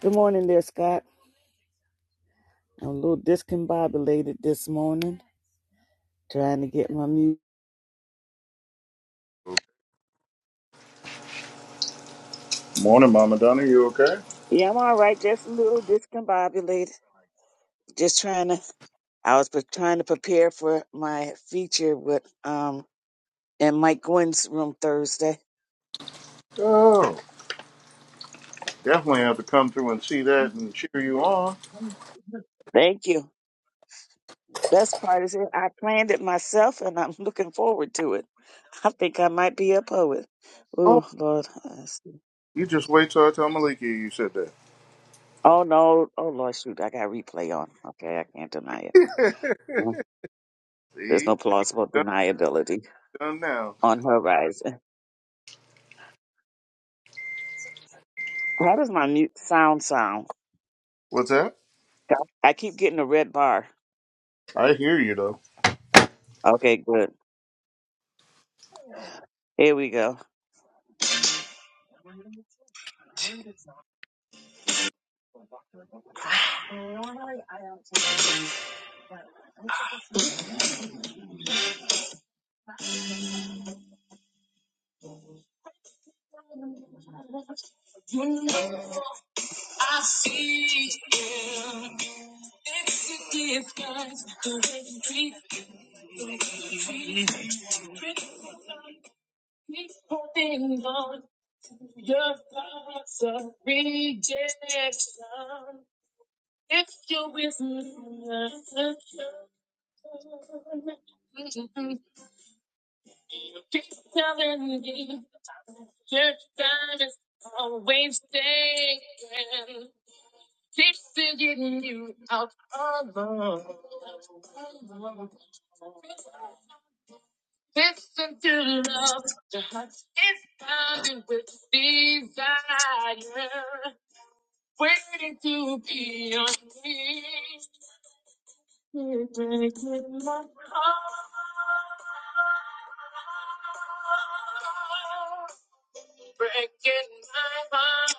Good morning there, Scott. I'm a little discombobulated this morning, trying to get my music. Morning, Mama Donna. You okay? Yeah, I'm all right. Just a little discombobulated. Just trying to, I was pre- trying to prepare for my feature with, um, in Mike Gwynn's room Thursday. Oh, definitely have to come through and see that and cheer you on. Thank you. Best part is that I planned it myself and I'm looking forward to it. I think I might be a poet. Oh, Oh, Lord. I see. you just wait till I tell Maliki you said that. Oh, no. Oh, Lord, shoot. I got replay on. Okay, I can't deny it. There's see, no plausible done, deniability done now. on horizon. How does my mute sound sound? What's that? I keep getting a red bar. I hear you though. Okay, good. Here we go. I see you. It's a difference the way you treat me. Pretty thing, Your thoughts of rejection. If you're with me, I'm keep telling me your time is always taken. Keep getting you out alone. Listen to love, the heart is pounding with desire. Waiting to be unleashed. Here breaking my heart. Breaking my heart.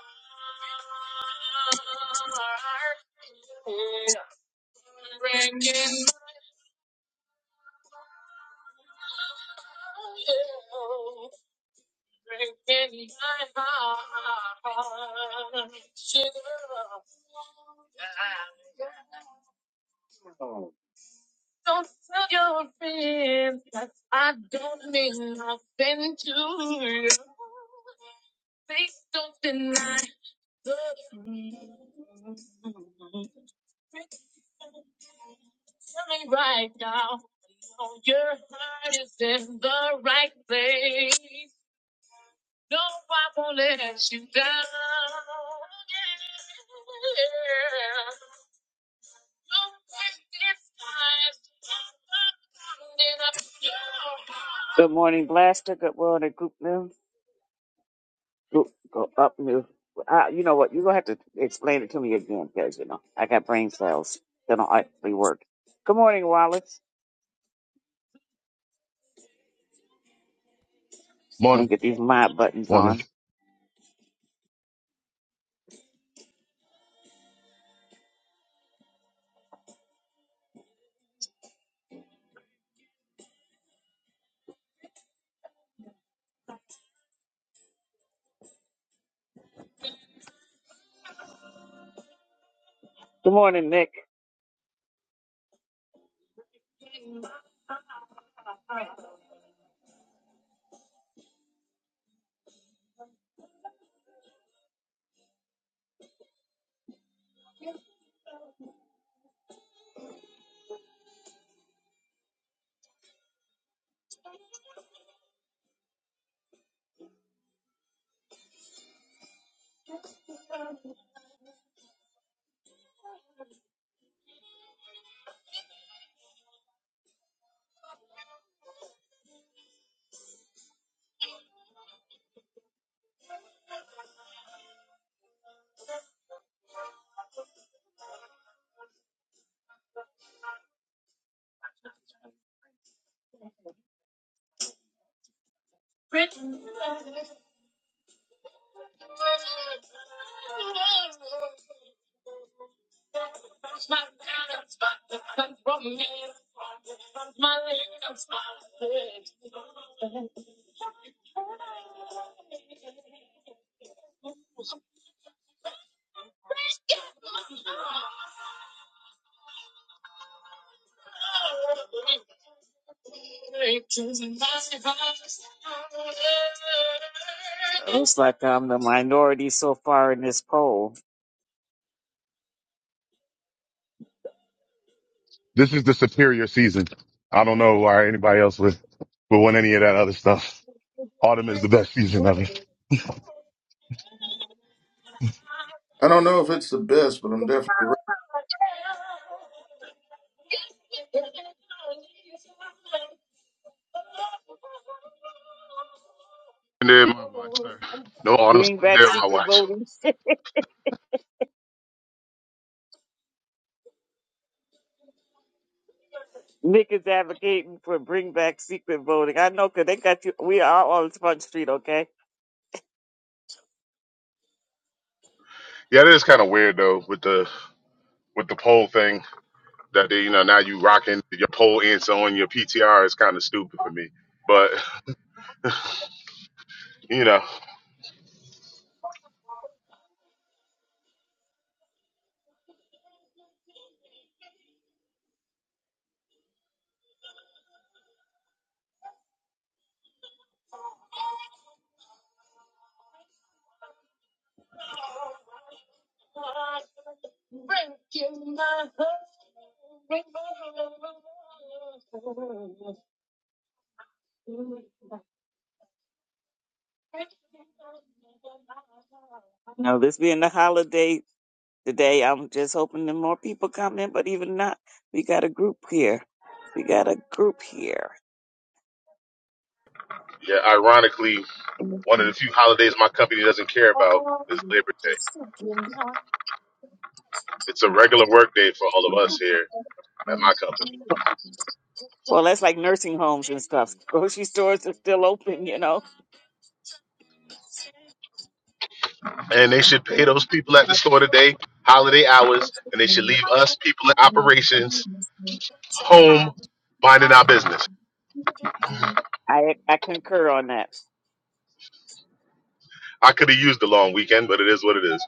Breaking my heart. breaking my heart. Sugar. Don't tell your friends that I don't mean nothing to you. Please don't deny the truth. Tell me right now. know Your heart is in the right place. No, I won't let you down. Yeah. Good morning, Blaster. Good morning, Group New. Group, go up new. Uh, you know what? You're going to have to explain it to me again because, you know, I got brain cells that don't actually work. Good morning, Wallace. Let me Morning. get these mod buttons Morning. on. Good morning, Nick. It looks like I'm the minority so far in this poll. This is the superior season. I don't know why anybody else would, would want any of that other stuff. Autumn is the best season of it. I don't know if it's the best, but I'm definitely ready. And then my watch, sir. No autumn Bring slain back there in my secret watch. voting. niggas advocating for bring back secret voting. I know, cause they got you. We are all on Sponge Street, okay? Yeah, it is kind of weird though with the with the poll thing that they, you know now you rocking your poll ends on your PTR is kind of stupid for me. But you know, Now, this being the holiday today, I'm just hoping that more people come in, but even not, we got a group here. We got a group here. yeah, ironically, one of the few holidays my company doesn't care about is Labor Day. It's a regular work day for all of us here at my company. Well, that's like nursing homes and stuff. Grocery stores are still open, you know. and they should pay those people at the store today holiday hours, and they should leave us people in operations home minding our business. I I concur on that. I could have used the long weekend, but it is what it is.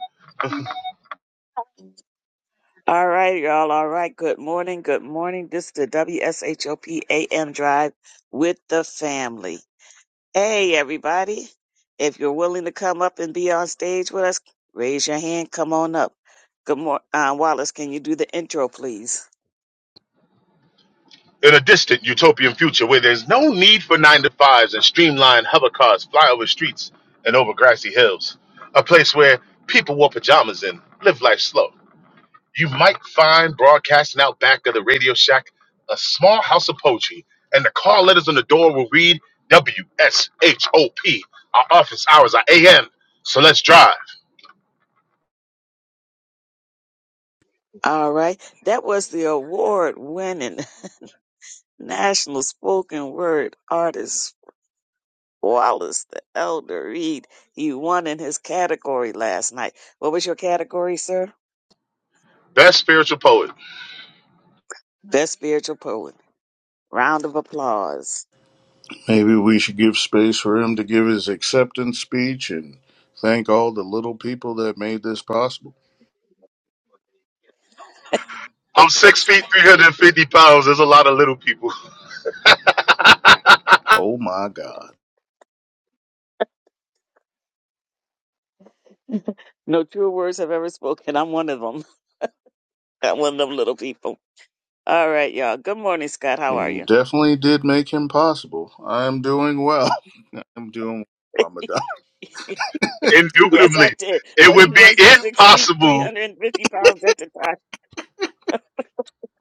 All right, y'all. All right. Good morning. Good morning. This is the WSHOPAM Drive with the family. Hey, everybody. If you're willing to come up and be on stage with us, raise your hand. Come on up. Good morning. Uh, Wallace, can you do the intro, please? In a distant utopian future where there's no need for nine to fives and streamlined hover cars fly over streets and over grassy hills, a place where people wore pajamas and live life slow. you might find broadcasting out back of the Radio Shack a small house of poetry, and the call letters on the door will read WSHOP. Our office hours are AM, so let's drive. All right. That was the award winning national spoken word artist, Wallace the Elder Reed. He won in his category last night. What was your category, sir? Best spiritual poet. Best spiritual poet. Round of applause. Maybe we should give space for him to give his acceptance speech and thank all the little people that made this possible. I'm Of six course, feet, the- 350 pounds. There's a lot of little people. Oh my God! no true words have ever spoken. I'm one of them. I'm one of them little people. All right, y'all. Good morning, Scott. How are And you you? definitely did make him possible. I'm doing well. I'm doing well, Mama Donna. Yes, I Indubitably. did. It But he would be wasn't six feet, impossible. 350 pounds at the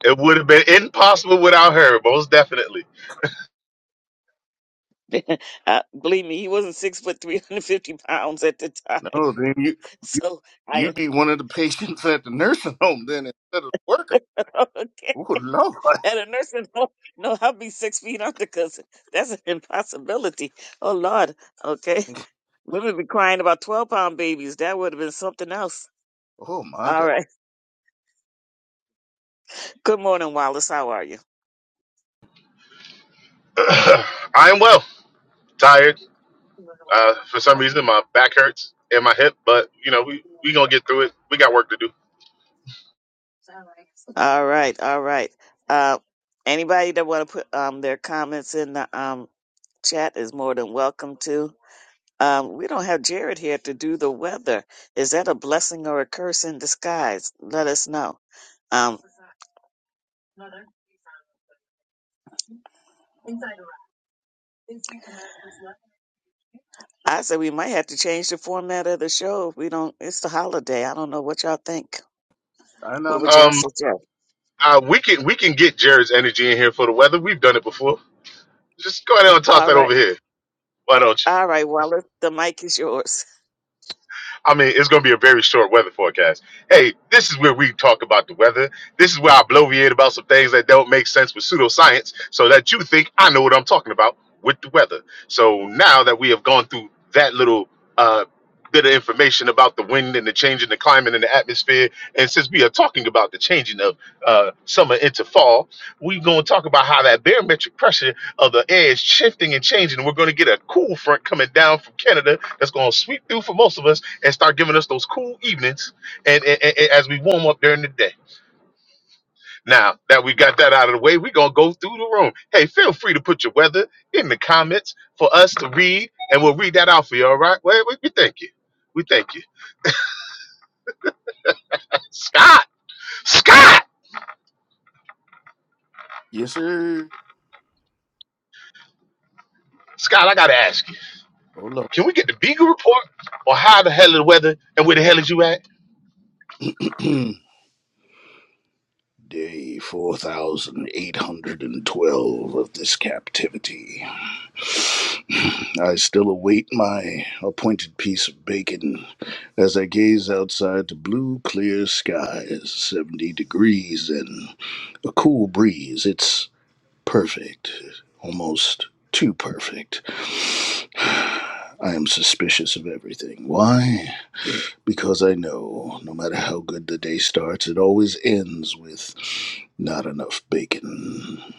It would have been impossible without her, most definitely. time. uh, believe me, he wasn't six foot, 350 pounds at the time. No, then you. So I, You'd be one of the patients at the nursing home then instead of the worker. okay. Oh Lord. At a nursing home, no, no, I'll be six feet under because that's an impossibility. Oh, Lord. Okay. Women be crying about 12 pound babies. That would have been something else. Oh my All God. right. Good morning, Wallace. How are you? I am well. Tired. Uh, for some reason, my back hurts and my hip, but you know, we we gonna get through it. We got work to do. All right, all right. Uh, anybody that want to put um their comments in the um chat is more than welcome to. Um, we don't have Jared here to do the weather. Is that a blessing or a curse in disguise? Let us know. Um, I said we might have to change the format of the show. If we don't, it's the holiday. I don't know what y'all think. I What would nominate. y'all Um, suggest? uh, we can we can get Jared's energy in here for the weather. We've done it before. Just go ahead and toss All that right, over here. Why don't you? all right, Wallace. The mic is yours. I mean, it's going to be a very short weather forecast. Hey, this is where we talk about the weather. This is where I bloviate about some things that don't make sense with pseudoscience so that you think I know what I'm talking about with the weather. So now that we have gone through that little uh, bit of information about the wind and the change in the climate and the atmosphere, and since we are talking about the changing of uh, summer into fall, we're going to talk about how that barometric pressure of the air is shifting and changing. we're going to get a cool front coming down from Canada that's going to sweep through for most of us and start giving us those cool evenings and, and, and- and as we warm up during the day. Now that we got that out of the way, we're gonna go through the room. Hey, feel free to put your weather in the comments for us to read, and we'll read that out for you. All right? Well, we, we thank you. We thank you, Scott. Scott. Yes, sir. Scott, I gotta ask you, Oh can we get the Beagle report or how the hell is the weather and where the hell is you at? Lord. Day four thousand eight hundred and twelve of this captivity. I still await my appointed piece of bacon as I gaze outside the blue, clear skies, 70 degrees and a cool breeze. It's perfect, almost too perfect. I am suspicious of everything. Why? Because I know no matter how good the day starts, it always ends with not enough bacon.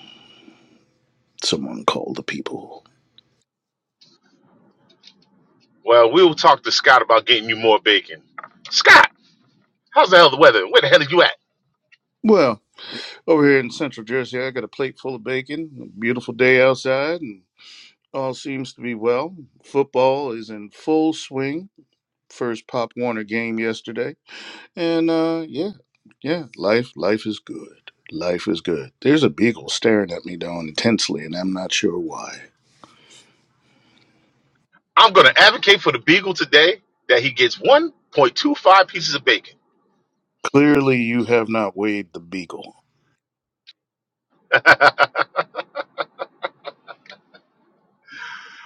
Someone call the people. Well, we'll talk to Scott about getting you more bacon. Scott, how's the hell the weather? Where the hell are you at? Well, over here in central Jersey, I got a plate full of bacon, a beautiful day outside, and all seems to be well. Football is in full swing. First Pop Warner game yesterday. And uh yeah, yeah, life life is good. Life is good. There's a beagle staring at me down intensely and I'm not sure why. I'm going to advocate for the Beagle today that he gets 1.25 pieces of bacon. Clearly, you have not weighed the beagle.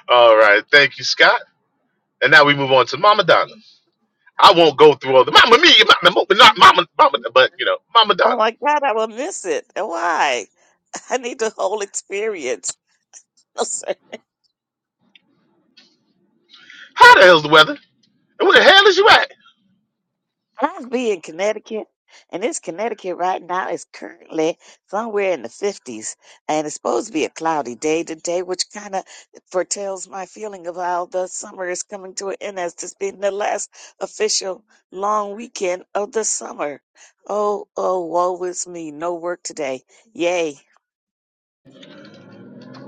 all right. Thank you, Scott. And now we move on to Mama Donna. I won't go through all the Mama Mia, Mama, Mama- not Mama, Mama, but you know, Mama Donna. Oh my God, I will miss it. No, Why? I need the whole experience. No, sir. How the hell's the weather? And where the hell is you at? I'd be in Connecticut, and this Connecticut right now is currently somewhere in the 50s, and it's supposed to be a cloudy day today, which kind of foretells my feeling of how the summer is coming to an end as this being the last official long weekend of the summer. Oh, oh, woe is me. No work today. Yay.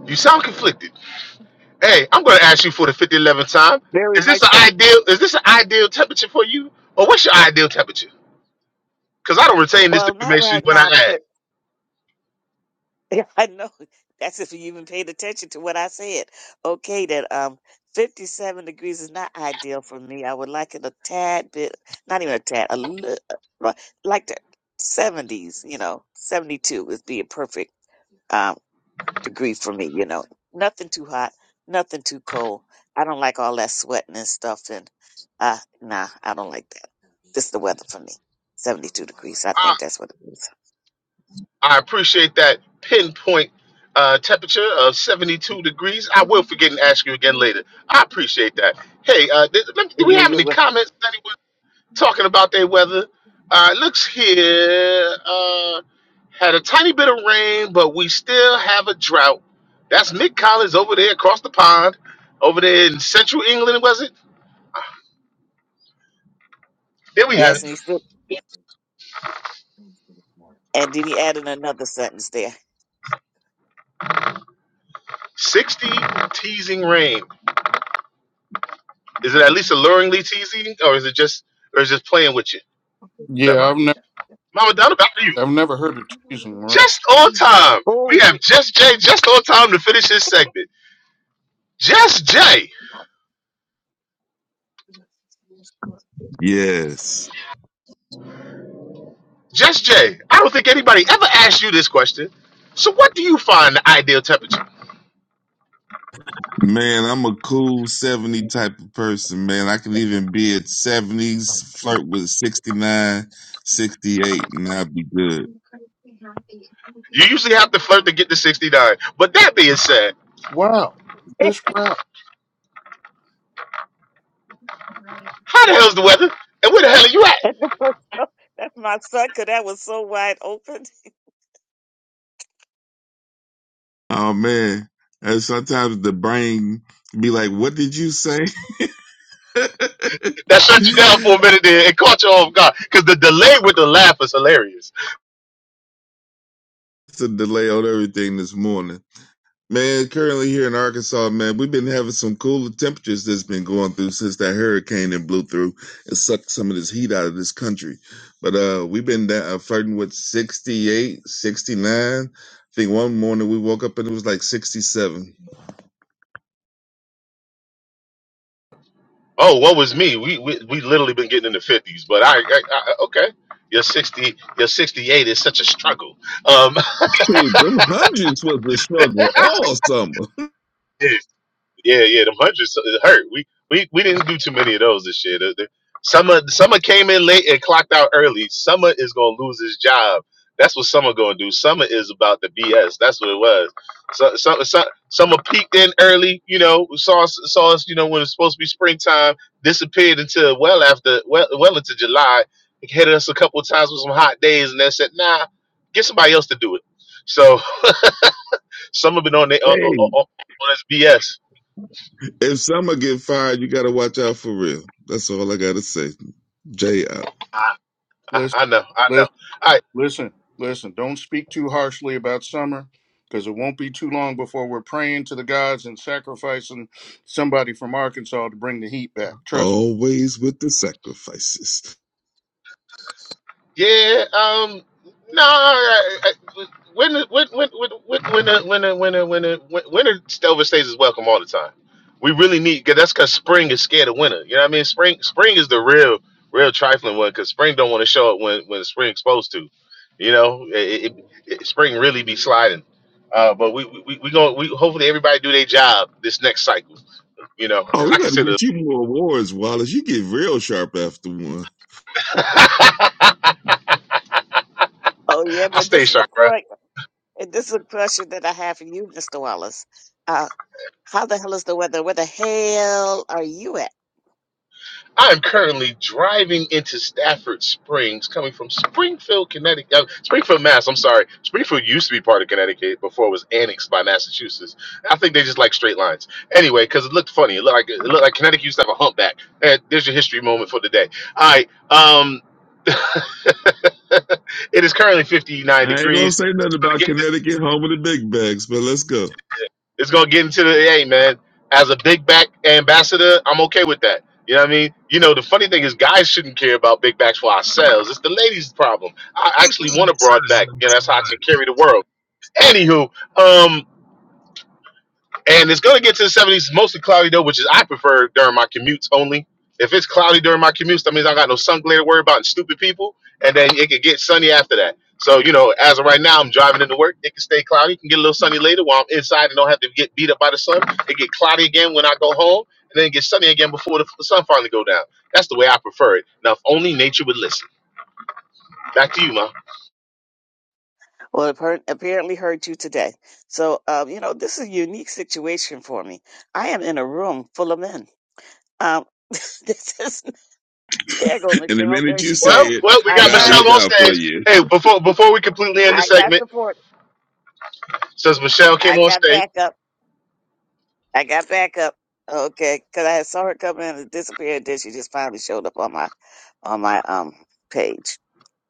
You sound conflicted. Hey, I'm going to ask you for the 5011th time. Very Is much this an so. ideal? Is this an ideal temperature for you, or what's your ideal temperature? because I don't retain this Well, not information right when I now ask. because. Yeah, I know. That's if you even paid attention to what I said. Okay, that um, 57 degrees is not ideal for me. I would like it a tad bit, not even a tad, a little, like the 70s, you know, 72 would be a perfect um degree for me, you know. Nothing too hot, nothing too cold. I don't like all that sweating and stuff, and uh, nah, I don't like that. This is the weather for me. 72 degrees. I I, think that's what it is. I appreciate that pinpoint uh, temperature of 72 degrees. I will forget and ask you again later. I appreciate that. Hey, uh, th- let me- I do we know have you're any wel- comments? Anyone talking about their weather? Uh, looks here. Uh, had a tiny bit of rain, but we still have a drought. That's Nick Collins over there across the pond, over there in central England, was it? There we have Yes, it. and he's still And then he added another sentence there. 60 teasing rain. Is it at least alluringly cheesy, or is it just, or is it just playing with you? Never Yeah, mind. I've never, Mama Donna, back to you. I've never heard of teasing. Right? Just on time. We Oh, have Je- Just Jay just on time to finish this segment. Just Jay, Yes. Just Jay. I don't think anybody ever asked you this question. So, what do you find the ideal temperature? Man, I'm a cool 70 type of person, man. I can even be at 70s, flirt with 69, 68, and I'll be good. You usually have to flirt to get to 69. But that being said, Wow, just wow. how the hell's the weather? And where the hell are you at? that's my son, because that was so wide open. Oh, man. And sometimes the brain be like, what did you say? That shut you down for a it's minute there and caught you off guard. Because the delay with the laugh is hilarious. a delay on everything this morning. Man, currently here in Arkansas, man, we've been having some cooler temperatures that's been going through since that hurricane that blew through and sucked some of this heat out of this country. But uh, we've been da- uh, flirting with 68, 69. I think one morning we woke up and it was like 67. Oh, what was me? We we, we literally been getting in the fifties, but I, I, I okay. Your sixty, your sixty-eight is such a struggle. Um, Dude, them hundreds was the struggle all summer. Yeah, yeah, them hundreds it hurt. We we we didn't do too many of those this year. The- the- Summer Summer came in late and clocked out early. Summer is gonna lose his job. That's what Summer gonna do. Summer is about the BS. That's what it was. So, so, so, summer peaked in early. You know, saw us, saw us. You know, when it's supposed to be springtime, disappeared until well after well well into July. It hit us a couple of times with some hot days, and then said, "Nah, get somebody else to do it." So, Summer been on the, on, Hey, on, on on his BS. if summer get fired, you got to watch out for real. That's all I got to say. Jay out. I, Listen, I know, I know. listen, All right, listen, listen. Don't speak too harshly about summer, because it won't be too long before we're praying to the gods and sacrificing somebody from Arkansas to bring the heat back. Trust me. Always with the sacrifices. yeah. Um, no. I, I, when when when when when when the- when the- when the- when the- when winter overstays is welcome all the time. We really need because that's because spring is scared of winter. You know what I mean? Spring spring is the real real trifling one because spring don't want to show up when when spring's supposed to. You know, it, it, it, spring really be sliding. Uh, but we we we, we going we hopefully everybody do their job this next cycle. You know, Oh, because we I gotta consider get you more awards, Wallace. You get real sharp after one. I Oh, yeah, but stay this is a sharp, bro. que- and this is a question that I have for you, Mr. Wallace. Uh, how the hell is the weather? Where the hell are you at? I am currently driving into Stafford Springs, coming from Springfield, Connecticut. uh, Springfield, Mass. I'm sorry. Springfield used to be part of Connecticut before it was annexed by Massachusetts. I think they just like straight lines. Anyway, because it looked funny. It looked like it looked like Connecticut used to have a humpback. And there's your history moment for the day. All right. Um, it is currently 59 I ain't gonna degrees. say nothing about Connecticut, home of the big bags, but let's go. It's gonna get into the hey man. As a big back ambassador, I'm okay with that. You know what I mean? You know, the funny thing is guys shouldn't care about big backs for ourselves. It's the ladies' problem. I actually want a broad back. You know, that's how I can carry the world. Anywho, um, and it's going to get to the 70s, mostly cloudy though, which is I prefer during my commutes only. If it's cloudy during my commutes, that means I got no sun glare to worry about and stupid people. And then it could get sunny after that. So, you know, as of right now, I'm driving into work. It can stay cloudy, It can get a little sunny later while I'm inside and don't have to get beat up by the sun. It get cloudy again when I go home, and then it gets sunny again before the the sun finally go down. That's the way I prefer it. Now, if only nature would listen. Back to you, ma. Well, it appar- apparently heard you today. So, um, you know, this is a unique situation for me. I am in a room full of men. Um, this is There you go, And the Michelle. minute There you she say go. Well, it, well, we I got God Michelle look finally, on out for stage. you. Hey, before before we completely end the I got segment, support. since Michelle came I on got stage, backup. I got backup. Okay, because I saw her come in and disappear, and then she just finally showed up on my, on my um page,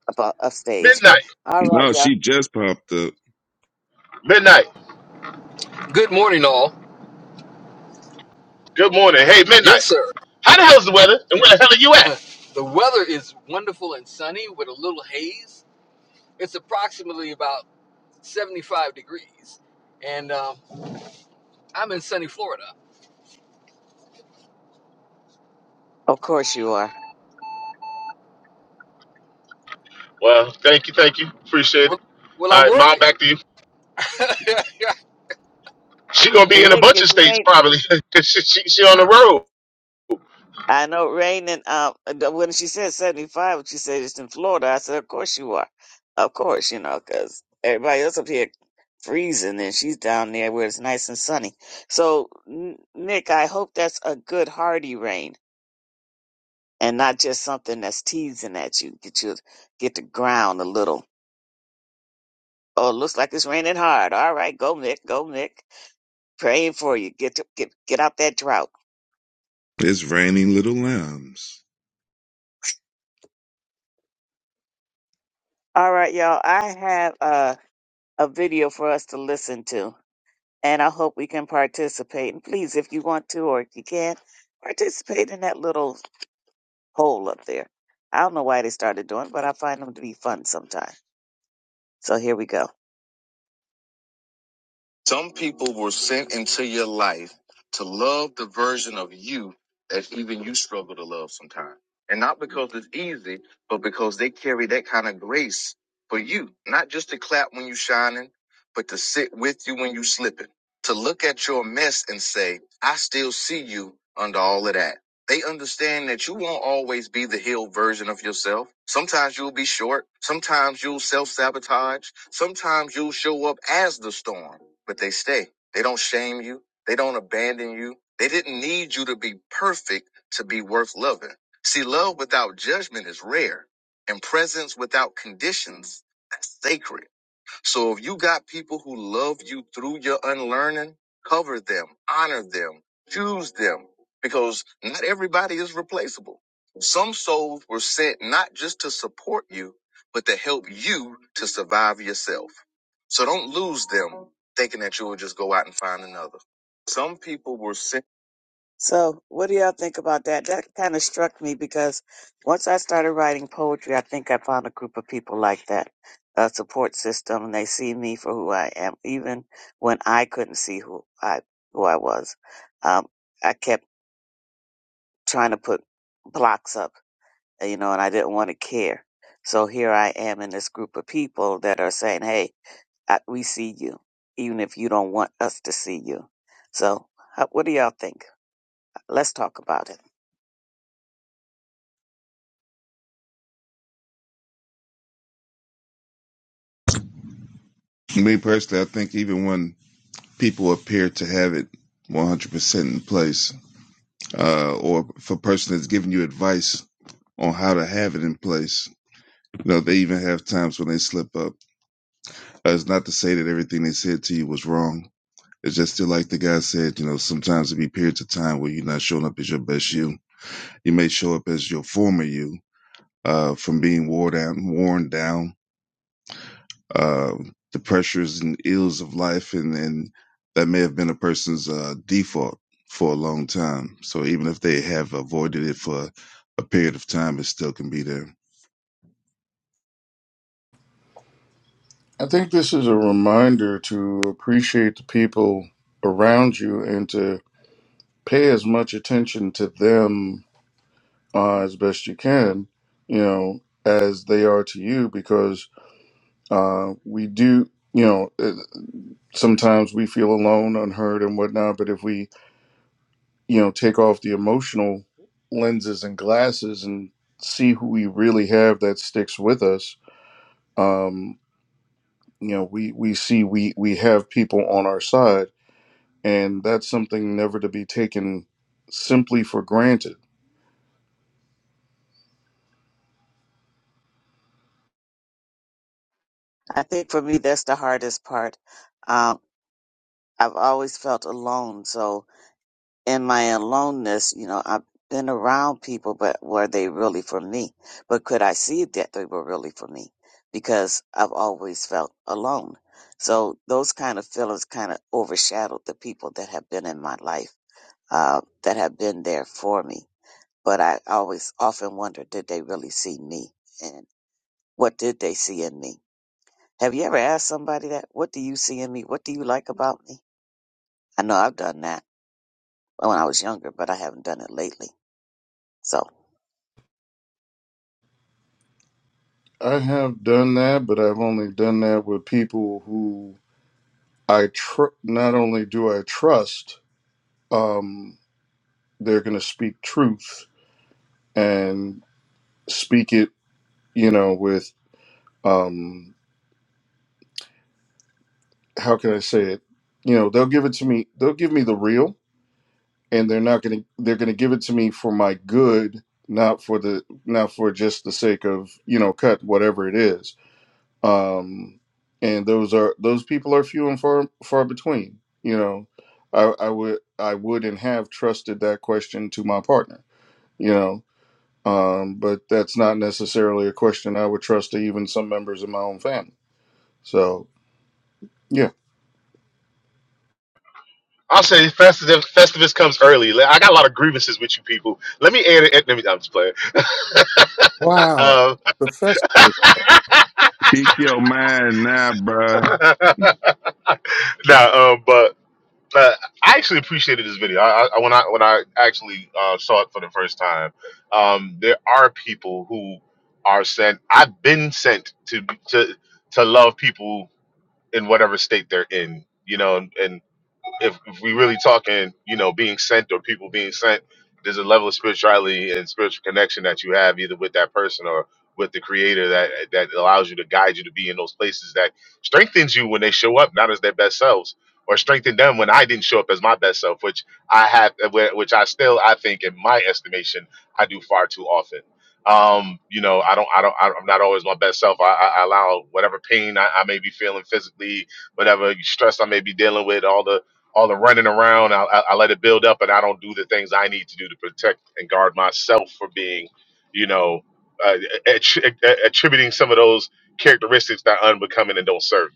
up uh, up stage midnight. alright No, you All right, y'all. she just popped up. Midnight. Good morning, all. Good morning. Hey, Midnight. Yes, sir. How the hell's the weather? And where the hell are you at? The weather is wonderful and sunny with a little haze. It's approximately about 75 degrees. And um, I'm in sunny Florida. Of course you are. Well, thank you, thank you. Appreciate it. Well, well All I'm right, mom, working. back to you. She gonna be in a Nick, bunch of it's states raining. probably. 'Cause she, she, she on the road. I know Rain and um when she said seventy five, she said it's in Florida. I said, of course you are, of course you know, because everybody else up here freezing and she's down there where it's nice and sunny. So N- Nick, I hope that's a good hearty rain and not just something that's teasing at you. Get you get the ground a little. Oh, it looks like it's raining hard. All right, go Nick, go Nick. Praying for you. Get to, get get out that drought. It's raining little lambs. All right, y'all. I have uh, a video for us to listen to. and I hope we can participate. And please, if you want to or if you can, participate in that little poll up there. I don't know why they started doing it, but I find them to be fun sometimes. So here we go. Some people were sent into your life to love the version of you that even you struggle to love sometimes. And not because it's easy, but because they carry that kind of grace for you. Not just to clap when you're shining, but to sit with you when you're slipping. To look at your mess and say, I still see you under all of that. They understand that you won't always be the healed version of yourself. Sometimes you'll be short. Sometimes you'll self sabotage. Sometimes you'll show up as the storm, but they stay. They don't shame you. They don't abandon you. They didn't need you to be perfect to be worth loving. See, love without judgment is rare and presence without conditions, that's sacred. So if you got people who love you through your unlearning, cover them, honor them, choose them, because not everybody is replaceable. Some souls were sent not just to support you, but to help you to survive yourself. So don't lose them thinking that you will just go out and find another. Some people were sent so, what do y'all think about that? That kind of struck me because once I started writing poetry, I think I found a group of people like that, a support system, and they see me for who I am, even when I couldn't see who I who I was. Um, I kept trying to put blocks up, uh, you know, and I didn't want to care. So here I am in this group of people that are saying, "Hey, I, we see you, even if you don't want us to see you." So, how, what do y'all think? Let's talk about it. Me personally, I think even when people appear to have it 100% in place, uh, or if a person that's giving you advice on how to have it in place, you know, they even have times when they slip up. Uh, it's not to say that everything they said to you was wrong. It's just still like the guy said, you know, sometimes there be periods of time where you're not showing up as your best you. You may show up as your former you, uh, from being worn down, worn down, uh, the pressures and ills of life. And, and that may have been a person's, uh, default for a long time. So even if they have avoided it for a period of time, it still can be there. I think this is a reminder to appreciate the people around you and to pay as much attention to them uh, as best you can, you know, as they are to you, because uh, we do, you know, uh, sometimes we feel alone, unheard, and whatnot. But if we, you know, take off the emotional lenses and glasses and see who we really have that sticks with us, um, you know, we we see we we have people on our side, and that's something never to be taken simply for granted. I think for me, that's the hardest part. Um, I've always felt alone. So in my aloneness, you know, I've been around people, but were they really for me? But could I see that they were really for me? Because I've always felt alone. So those kind of feelings kind of overshadowed the people that have been in my life, uh, that have been there for me. But I always often wonder, did they really see me? And what did they see in me? Have you ever asked somebody that? What do you see in me? What do you like about me? I know I've done that when I was younger, but I haven't done it lately. So I have done that, but I've only done that with people who I tr- not only do I trust, um, they're going to speak truth and speak it, you know, with um, how can I say it? You know, they'll give it to me. They'll give me the real, and they're not going to. They're going to give it to me for my good, not for the not for just the sake of you know cut whatever it is. Um, and those are those people are few and far far between. You know, I, I would I would and have trusted that question to my partner you know um, but that's not necessarily a question i would trust to even some members of my own family so yeah I'll say Festivus, Festivus comes early. Like, I got a lot of grievances with you people. Let me add it. Let me, I'm just playing. Wow. Um, Professor. it's Speak your mind now, bruh. nah, um, but uh, I actually appreciated this video. I, I when I when I actually uh, saw it for the first time, um, there are people who are sent. I've been sent to to to love people in whatever state they're in. You know, and, and if, if we really talking, you know, being sent or people being sent, there's a level of spirituality and spiritual connection that you have either with that person or with the creator that that allows you to guide you to be in those places that strengthens you when they show up not as their best selves or strengthen them when I didn't show up as my best self, which I have, which I still I think in my estimation I do far too often. Um, you know, I don't, I don't, I'm not always my best self. I, I I allow whatever pain I, I may be feeling physically, whatever stress I may be dealing with, all the all the running around. I, I, I let it build up, and I don't do the things I need to do to protect and guard myself for being, you know, uh, attri- attributing some of those characteristics that are unbecoming and don't serve. me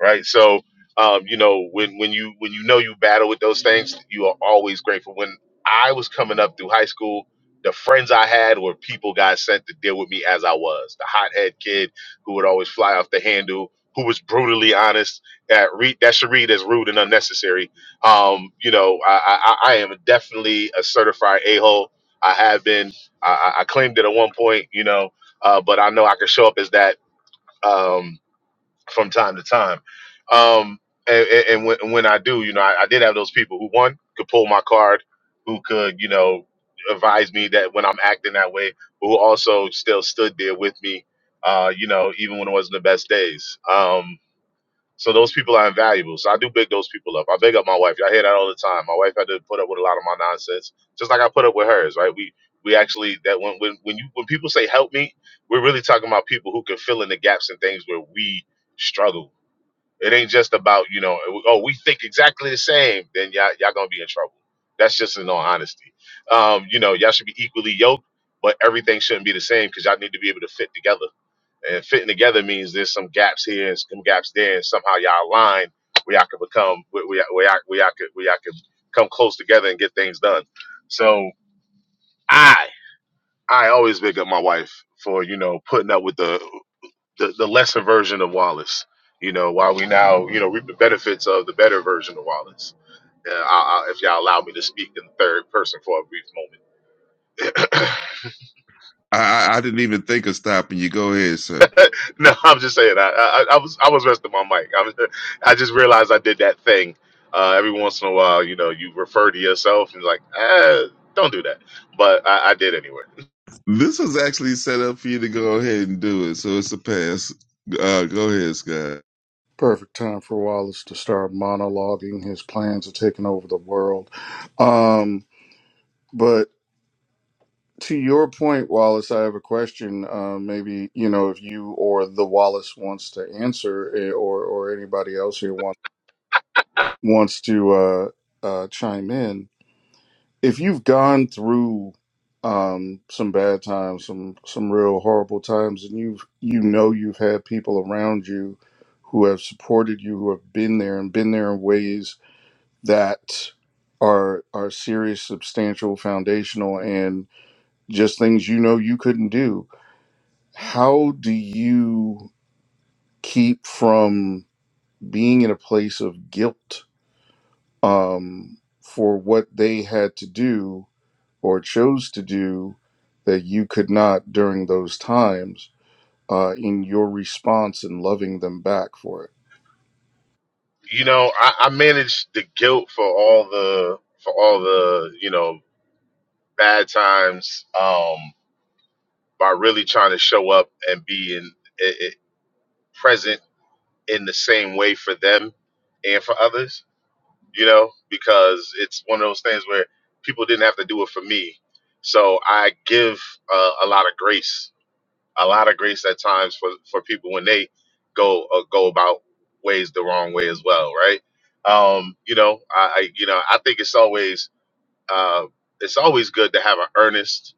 right? So, um, you know, when when you when you know you battle with those things, you are always grateful. When I was coming up through high school, the friends I had were people God sent to deal with me as I was, the hothead kid who would always fly off the handle, who was brutally honest. That read that should read as rude and unnecessary. Um, you know, I, I, I I am definitely a certified a hole. I have been. I, I I claimed it at one point, you know, uh, but I know I can show up as that. Um, from time to time. Um, and, and when, when I do, you know, I, I did have those people who one could pull my card, who could, you know, advise me that when I'm acting that way, who also still stood there with me, uh, you know, even when it wasn't the best days. Um, so those people are invaluable. So I do big those people up. I big up my wife. I hear that all the time. My wife had to put up with a lot of my nonsense, just like I put up with hers. Right? We we actually that when when when you when people say help me, we're really talking about people who can fill in the gaps and things where we struggle. It ain't just about you know oh we think exactly the same. Then y'all y'all gonna be in trouble. That's just in all honesty. Um, you know y'all should be equally yoked, but everything shouldn't be the same because y'all need to be able to fit together and fitting together means there's some gaps here and some gaps there, and somehow y'all align where y'all can become where where y'all where y'all, where y'all could where y'all could come close together and get things done. So I I always big up my wife for you know putting up with the the, the lesser version of Wallace. You know, while we now you know reap the benefits of the better version of Wallace. Uh, I, I, if y'all allow me to speak in third person for a brief moment I, I, I didn't even think of stopping you. Go ahead, sir. No, I'm just saying. I, I I was I was resting my mic. I was, I just realized I did that thing. Uh, every once in a while, you know, you refer to yourself and like, eh, don't do that. But I, I did anyway. This was actually set up for you to go ahead and do it, so it's a pass. Uh, go ahead, Scott. perfect time for wallace to start monologuing his plans of taking over the world um, but to your point wallace i have a question uh, maybe you know if you or the wallace wants to answer eh, or or anybody else here wants wants to uh, uh, chime in if you've gone through um some bad times some some real horrible times and you've you know you've had people around you who have supported you who have been there and been there in ways that are are serious substantial foundational and just things you know you couldn't do how do you keep from being in a place of guilt um for what they had to do or chose to do that you could not during those times uh, in your response and loving them back for it. You know, I, I managed the guilt for all the for all the you know bad times um, by really trying to show up and be in, i i present in the same way for them and for others you know, because it's one of those things where people didn't have to do it for me. So I give uh, a lot of grace, a lot of grace at times for, for people when they go uh, go about ways the wrong way as well, right? Um, you know, I, I you know I think it's always uh, it's always good to have an earnest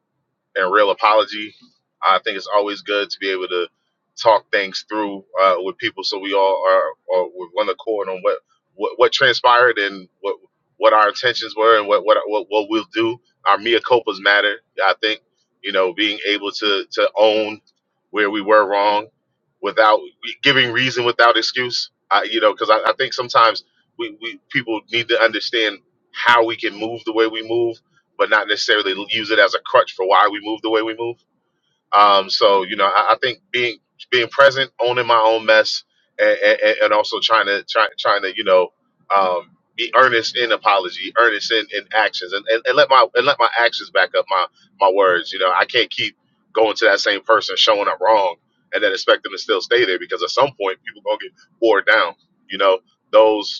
and real apology. I think it's always good to be able to talk things through uh, with people, so we all are, are with one accord on what, what what transpired and what what our intentions were and what what what, what we'll do. Our mea copas matter. I think you know being able to to own where we were wrong without giving reason without excuse. I, you know, because I, I think sometimes we, we people need to understand how we can move the way we move but not necessarily use it as a crutch for why we move the way we move. Um, so you know, I, I think being being present, owning my own mess, and, and, and also trying to try, trying to you know um, be earnest in apology, earnest in, in actions, and, and, and let my and let my actions back up my my words. You know, I can't keep going to that same person showing up wrong and then expect them to still stay there because at some point people gonna get bored down. You know, those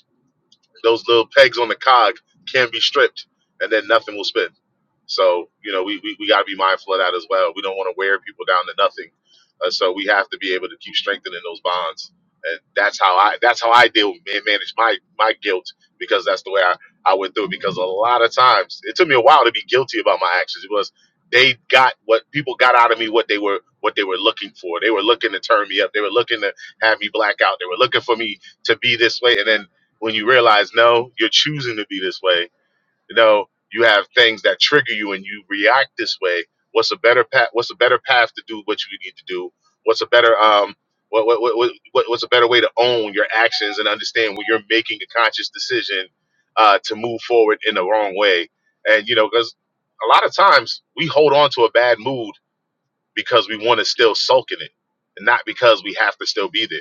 those little pegs on the cog can be stripped, and then nothing will spin. So, you know, we, we, we got to be mindful of that as well. We don't want to wear people down to nothing. Uh, so we have to be able to keep strengthening those bonds. And that's how I that's how I deal and manage my my guilt because that's the way I, I went through it. Because a lot of times it took me a while to be guilty about my actions. It was they got what people got out of me what they were what they were looking for. They were looking to turn me up. They were looking to have me black out. They were looking for me to be this way. And then when you realize no you're choosing to be this way You know you have things that trigger you and you react this way what's a better path what's a better path to do what you need to do what's a better um what, what, what, what what- what's a better way to own your actions and understand when you're making a conscious decision uh, to move forward in the wrong way and you know because a lot of times we hold on to a bad mood because we want to still sulk in it and not because we have to still be there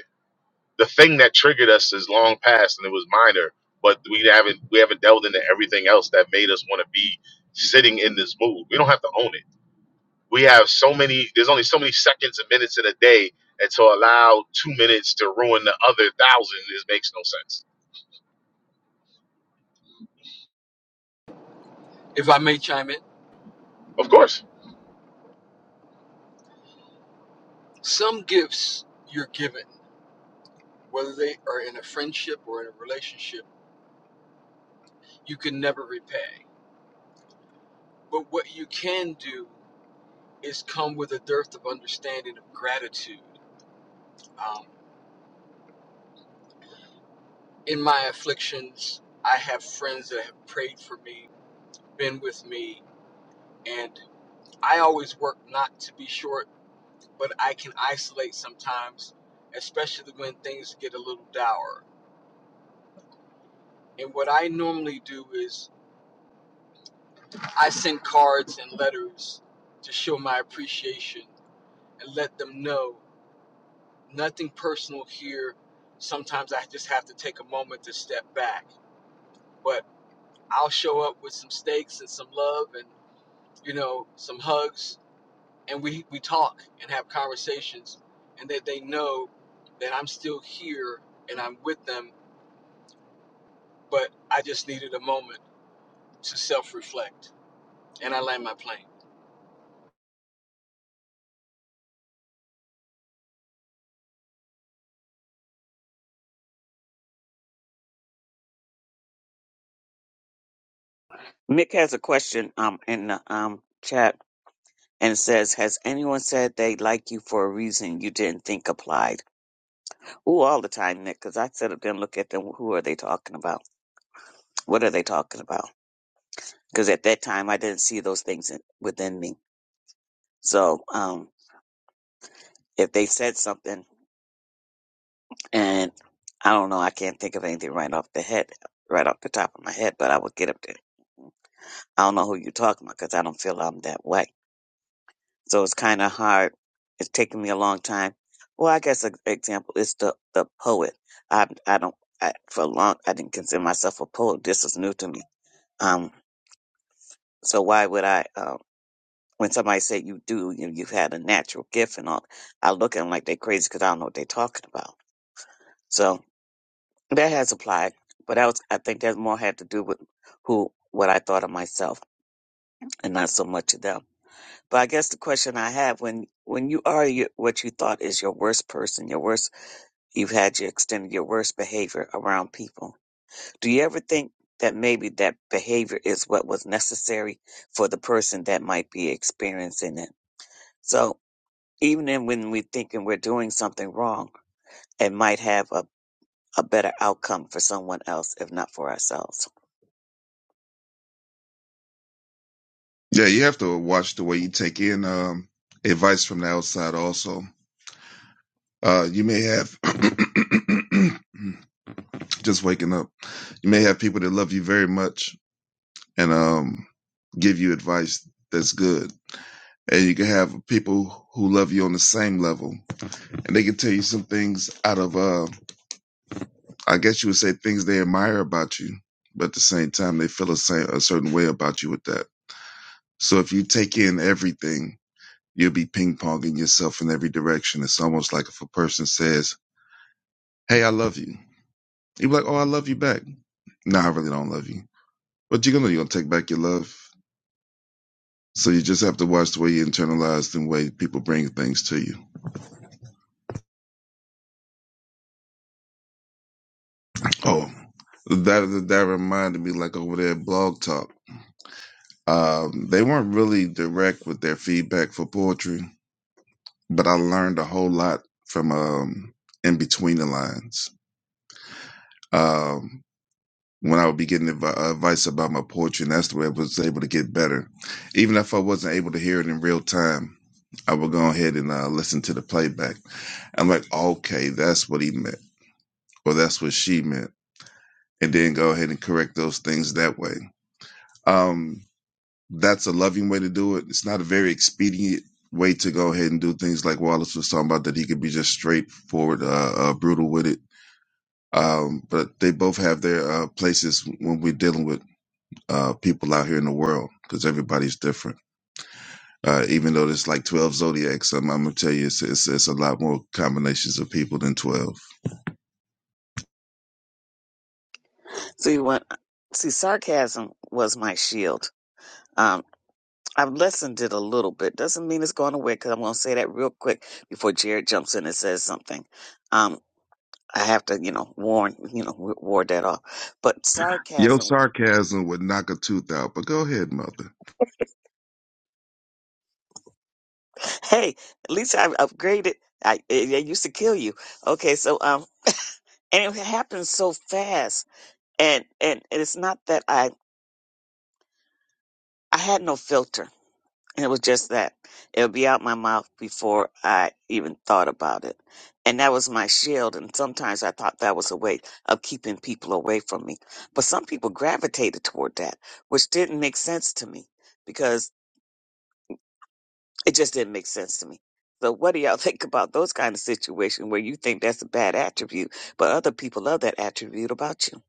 the thing that triggered us is long past and it was minor but we haven't we haven't delved into everything else that made us want to be sitting in this mood we don't have to own it we have so many there's only so many seconds and minutes in a day and to allow two minutes to ruin the other thousand is makes no sense if I may chime in, of course some gifts you're given, whether they are in a friendship or in a relationship, you can never repay. But what you can do is come with a dearth of understanding of gratitude. Um, in my afflictions, I have friends that have prayed for me been with me and I always work not to be short, but I can isolate sometimes, especially when things get a little dour. And what I normally do is I send cards and letters to show my appreciation and let them know nothing personal here. Sometimes I just have to take a moment to step back, but I'll show up with some steaks and some love and you know some hugs and we we talk and have conversations and that they know that I'm still here and I'm with them but I just needed a moment to self-reflect and I land my plane. Mick has a question um in the um chat and says, "Has anyone said they like you for a reason you didn't think applied?" Ooh, all the time, Nick, because I sit up there and look at them. Who are they talking about? What are they talking about? Because at that time, I didn't see those things in, within me. So um, if they said something And I don't know. I can't think of anything right off the head, right off the top of my head, but I would get up there. I don't know who you're talking about because I don't feel I'm that way. So it's kind of hard. It's taken me a long time. Well, I guess an example is the the poet. I I don't I, for long I didn't consider myself a poet. This is new to me. Um, so why would I? Uh, when somebody said you do, you you've had a natural gift and all, I look at them like they're crazy because I don't know what they're talking about. So That has applied, but that was, I think that more had to do with who, what I thought of myself and not so much of them. But I guess the question I have when, when you are your, what you thought is your worst person, your worst, you've had your extended, your worst behavior around people. Do you ever think that maybe that behavior is what was necessary for the person that might be experiencing it? So even in when we're thinking we're doing something wrong, it might have a, a better outcome for someone else, if not for ourselves. Yeah, you have to watch the way you take in um, advice from the outside. Also, uh, you may have just waking up. You may have people that love you very much and um, give you advice that's good. And you can have people who love you on the same level, and they can tell you some things out of, uh, I guess you would say, things they admire about you, but at the same time, they feel a, same, a certain way about you with that. So if you take in everything, you'll be ping ponging yourself in every direction. It's almost like if a person says, "Hey, I love you," you're like, "Oh, I love you back." No, I really don't love you, but you're gonna you're gonna take back your love. So you just have to watch the way you internalize and the way people bring things to you Oh, that that reminded me like over there at Blog Talk. Um, they weren't really direct with their feedback for poetry, but I learned a whole lot from um, in between the lines. Um, when I would be getting advi- advice about my poetry, and that's the way I was able to get better. Even if I wasn't able to hear it in real time, I would go ahead and uh, listen to the playback. I'm like, okay, that's what he meant, or that's what she meant, and then go ahead and correct those things that way. Um, that's a loving way to do it. It's not a very expedient way to go ahead and do things like Wallace was talking about that he could be just straightforward, uh, uh, brutal with it. Um, but they both have their uh, places when we're dealing with uh, people out here in the world because everybody's different. Uh, even though there's like 12 zodiacs, I'm, I'm gonna tell you, it's, it's, it's a lot more combinations of people than 12. See what? See, sarcasm was my shield. Um, I've lessened it a little bit. Doesn't mean it's going away because I'm going to say that real quick before Jared jumps in and says something. Um, I have to, you know, warn, you know, wa- ward that off. But Your sarcasm, sarcasm would knock a tooth out, but go ahead, mother. hey, at least I've upgraded. I it, it used to kill you. Okay, so um, and it happens so fast. and and and it's not that I I had no filter. It was just that it would be out my mouth before I even thought about it, and that was my shield. And sometimes I thought that was a way of keeping people away from me. But some people gravitated toward that, which didn't make sense to me because. It just didn't make sense to me. So what do y'all think about those kind of situations where you think that's a bad attribute, but other people love that attribute about you?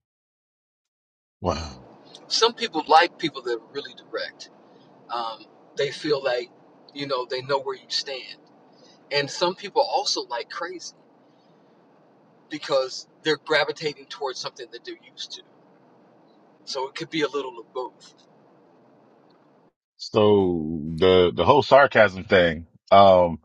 Some people like people that are really direct. Um, they feel like you know they know where you stand. And some people also like crazy because they're gravitating towards something that they're used to. So it could be a little of both. So the the whole sarcasm thing. Um,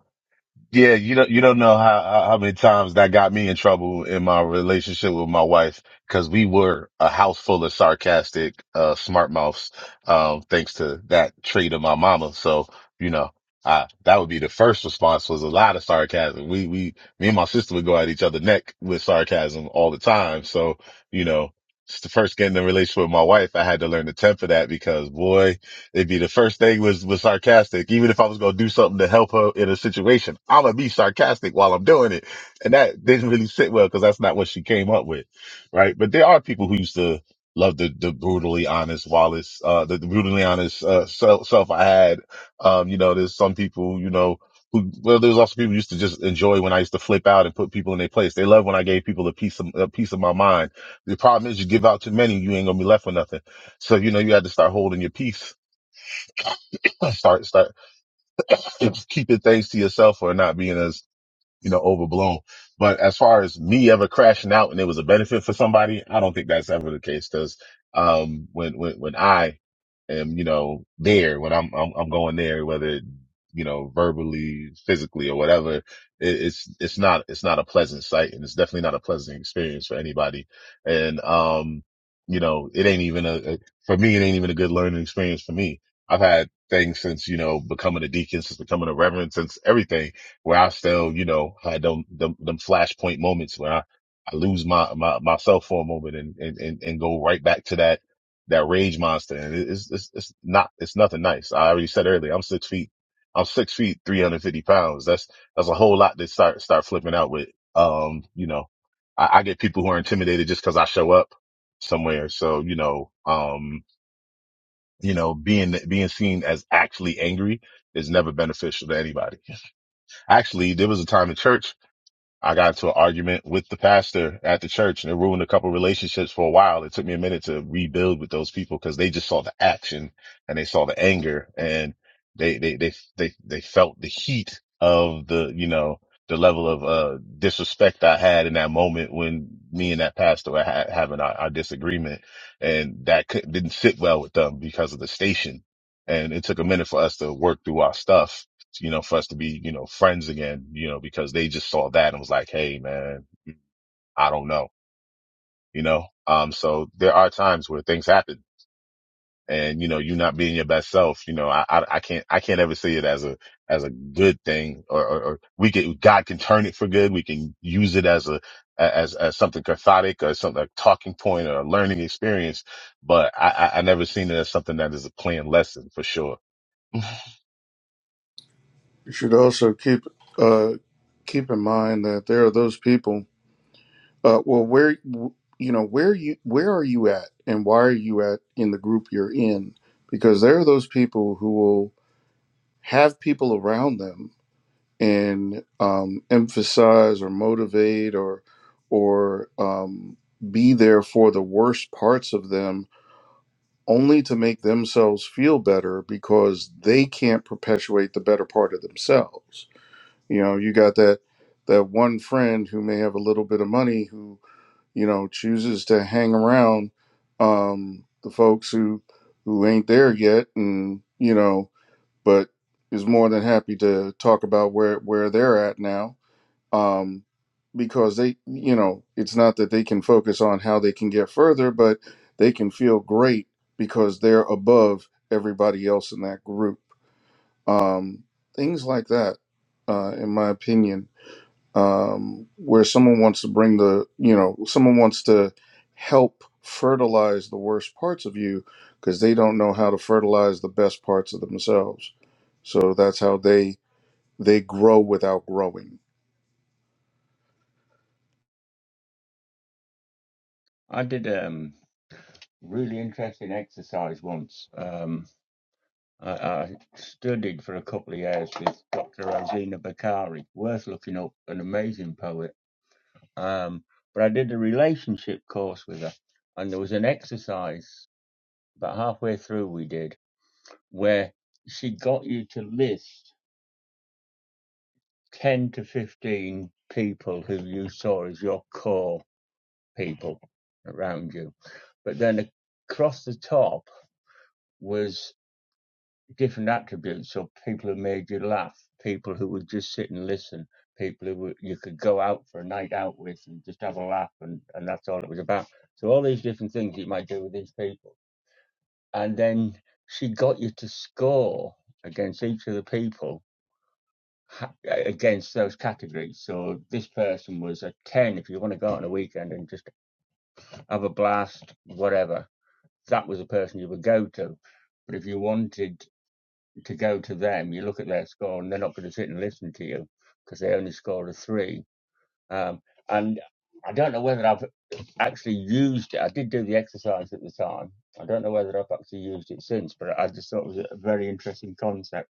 Yeah, you don't you don't know how how how many times that got me in trouble in my relationship with my wife because we were a house full of sarcastic uh smart mouths um thanks to that trait of my mama. So, you know, I that would be the first response was a lot of sarcasm. We we me and my sister would go at each other neck with sarcasm all the time. So, you know, it's the first getting in the relationship with my wife, I had to learn to temper that because boy It'd be the first thing was was sarcastic. Even if I was gonna do something to help her in a situation, I'm gonna be sarcastic while I'm doing it, and that didn't really sit well because that's not what she came up with, right? But there are people who used to love the the brutally honest Wallace, uh, the, the brutally honest uh, self self I had. Um, you know, there's some people, you know. Who, well, there's also people who used to just enjoy when I used to flip out and put people in their place. They love when I gave people a piece of a piece of my mind. The problem is, you give out too many, you ain't gonna be left with nothing. So you know you had to start holding your peace start start keep- keeping things to yourself or not being as you know, overblown. But as far as me ever crashing out and it was a benefit for somebody, I don't think that's ever the case. Cause, um, when, when, when I am, you know, there, when I'm, I'm, I'm going there, whether, you know, verbally, physically or whatever, it, it's, it's not, it's not a pleasant sight and it's definitely not a pleasant experience for anybody. And, um, you know, it ain't even a, a- for me, it ain't even a good learning experience for me. I've had things since, you know, becoming a deacon, since becoming a reverend, since everything where I still, you know, had them, them, them flashpoint moments where I, I lose my, my, myself for a moment and, and, and, and go right back to that, that rage monster. And it- it's, it's, it's not, it's nothing nice. I already said earlier, I'm six feet, I'm six feet, 350 pounds. That's, that's a whole lot to start, start flipping out with. Um, you know, I, I get people who are intimidated just cause I show up somewhere. So, you know, um, you know, being, being seen as actually angry is never beneficial to anybody. Actually, there was a time in church I got into an argument with the pastor at the church and it ruined a couple relationships for a while. It took me a minute to rebuild with those people because they just saw the action and they saw the anger and they, they, they, they, they felt the heat of the, you know, the level of, uh, disrespect I had in that moment when me and that pastor were ha- having our, our disagreement and that could, didn't sit well with them because of the station. And it took a minute for us to work through our stuff you know, for us to be, you know, friends again, you know, because they just saw that and was like, Hey, man, I don't know, you know? Um, so there are times where things happen and, you know, you not being your best self, you know, I, I, I can't, I can't ever see it as a, as a good thing or, or, or we can, God can turn it for good. We can use it as a, as, as something cathartic or something, a talking point or a learning experience. But I, I, I never seen it as something that is a planned lesson for sure. You should also keep uh, keep in mind that there are those people. Uh, well, where you know where you where are you at, and why are you at in the group you're in? Because there are those people who will have people around them and um, emphasize or motivate or or um, be there for the worst parts of them only to make themselves feel better because they can't perpetuate the better part of themselves. You know, you got that that one friend who may have a little bit of money who you know chooses to hang around um, the folks who who ain't there yet, and you know, but is more than happy to talk about where where they're at now um, because they, you know, it's not that they can focus on how they can get further, but they can feel great because they're above everybody else in that group. Um, things like that, uh, in my opinion, um, where someone wants to bring the, you know, someone wants to help fertilize the worst parts of you because they don't know how to fertilize the best parts of themselves. So that's how they they grow without growing. I did um really interesting exercise once. Um, I, I studied for a couple of years with Dr. Rosina Bakari, worth looking up, an amazing poet. Um, but I did a relationship course with her, and there was an exercise about halfway through we did where she got you to list 10 to 15 people who you saw as your core people around you. But then across the top, was different attributes of people who made you laugh, people who would just sit and listen, people who would, you could go out for a night out with and just have a laugh, and, and that's all it was about. So, all these different things you might do with these people. And then she got you to score against each of the people ha- against those categories. So, this person was a 10 if you want to go out on a weekend and just have a blast, whatever. That was the person you would go to. But if you wanted to go to them, you look at their score, and they're not going to sit and listen to you because they only scored a three. Um, and I don't know whether I've actually used it. I did do the exercise at the time. I don't know whether I've actually used it since, but I just thought it was a very interesting concept.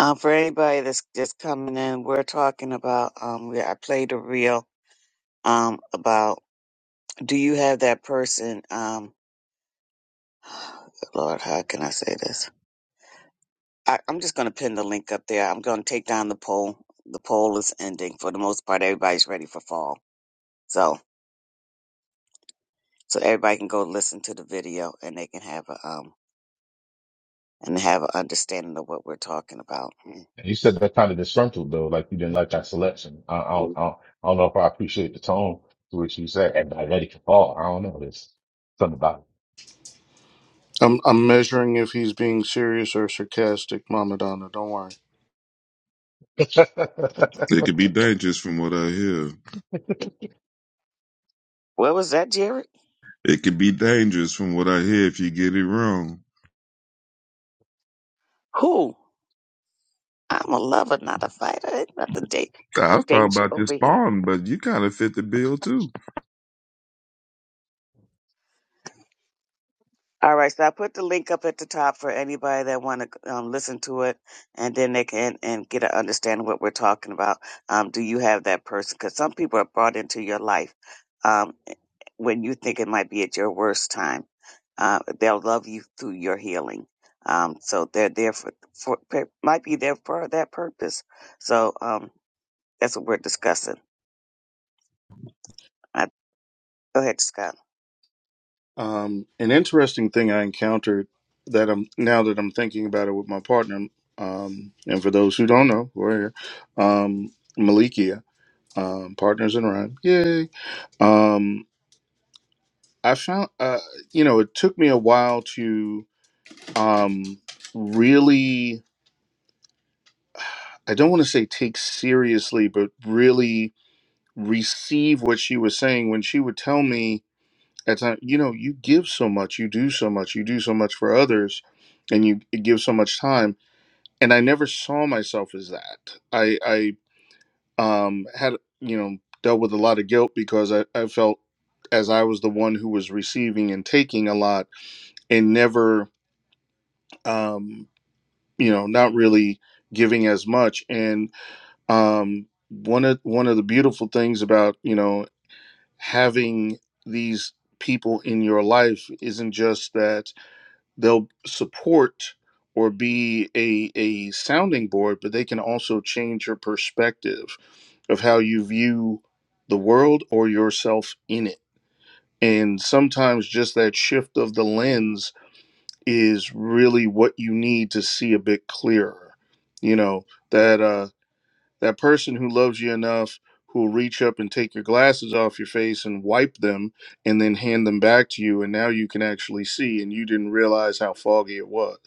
Um, for anybody that's just coming in, we're talking about um, we I played a reel um about do you have that person um. Lord, how can I say this? I, I'm just going to pin the link up there. I'm going to take down the poll. The poll is ending. For the most part, everybody's ready for fall. So, so everybody can go listen to the video and they can have a, um, and have an understanding of what we're talking about. And you said that kind of disgruntled though, like you didn't like that selection. I, I don't, Mm. I don't, I don't know if I appreciate the tone to which you said, and diabetic can fall. I don't know. There's something about I'm I'm measuring if he's being serious or sarcastic, Mama Donna. Don't worry. it. It could be dangerous from what I hear. Where was that, Jared? It could be dangerous from what I hear if you get it wrong. Who? I'm a lover, not a fighter. Ain't Not the date. I No was talking danger about this over here. spawn, but you kind of fit the bill too. All right, so I put the link up at the top for anybody that want to um, listen to it, and then they can and get an understanding what we're talking about. Um, do you have that person? Because some people are brought into your life um, when you think it might be at your worst time. Uh, they'll love you through your healing. Um, so they're there for, for per- might be there for that purpose. So um, that's what we're discussing. I, go ahead, Scott. Um, an interesting thing I encountered that I'm now that I'm thinking about it with my partner, um, and for those who don't know, we're here, um, Malikia, um, partners in rhyme, yay. Um, I found, uh, you know, it took me a while to um, really. I don't want to say take seriously, but really receive what she was saying when she would tell me at time you know you give so much you do so much you do so much for others and you give so much time and i never saw myself as that i i um had you know dealt with a lot of guilt because i, I felt as i was the one who was receiving and taking a lot and never um you know not really giving as much and um one of one of the beautiful things about you know having these people in your life isn't just that they'll support or be a, a sounding board, but they can also change your perspective of how you view the world or yourself in it. And sometimes just that shift of the lens is really what you need to see a bit clearer. You know, that uh that person who loves you enough who'll reach up and take your glasses off your face and wipe them and then hand them back to you and now you can actually see and you didn't realize how foggy it was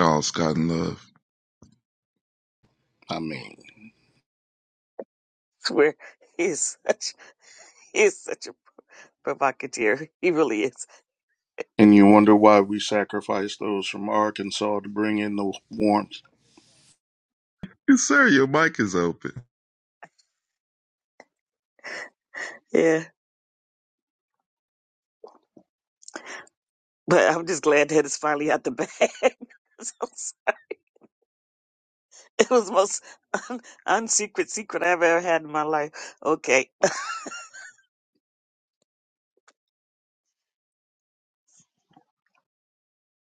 Oh, Scott and Love. I mean, swear he is such he is such a provocateur. He really is. and you wonder why we sacrificed those from Arkansas to bring in the warmth. Yes, sir, your mic is open. Yeah. But I'm just glad that it's finally out the bag. So it's- it was the most un- unsecret secret I've ever had in my life. Okay.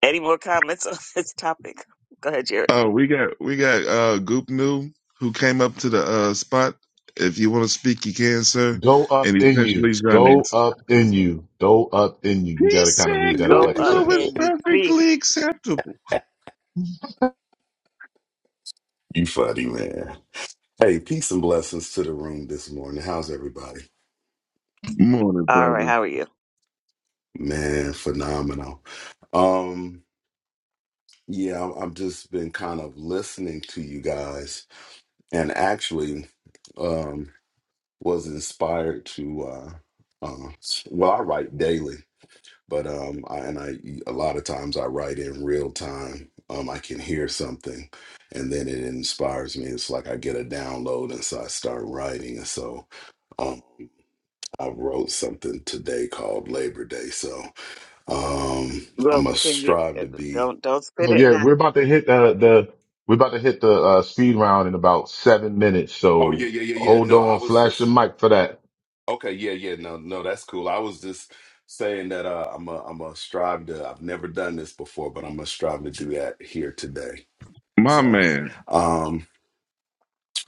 Any more comments on this topic? Go ahead, Jared. Oh, we got we got uh Goop New who came up to the uh spot. If you want to speak, you can, sir. go up And in you. essentially Go Johnny's. up in you. Go up in you. You He got to kind of read said that out Goop Go like a up New is sentence. and you see. perfectly acceptable. You funny, man. Hey, peace and blessings to the room this morning. How's everybody? Morning, All right. brother. How are you? Man, phenomenal. Um, yeah, I- I've just been kind of listening to you guys and actually um was inspired to uh uh s- well, I write daily, but um I and I a lot of times I write in real time. Um I can hear something and then it inspires me. It's like I get a download and so I start writing and so um I wrote something today called Labor Day, so um, I Well, to can you strive to be. don't don't spit So it yeah, now? we're about to hit uh, the, we're about to hit the uh, speed round in about seven minutes. Oh yeah, So yeah, yeah, yeah. hold No, I on, was flash the just mic for that. okay. Yeah, yeah. No, no, that's cool. I was just saying that uh, I'm a, I'm a strive to. I've never done this before, but I'm gonna strive to do that here today. My So, man. um,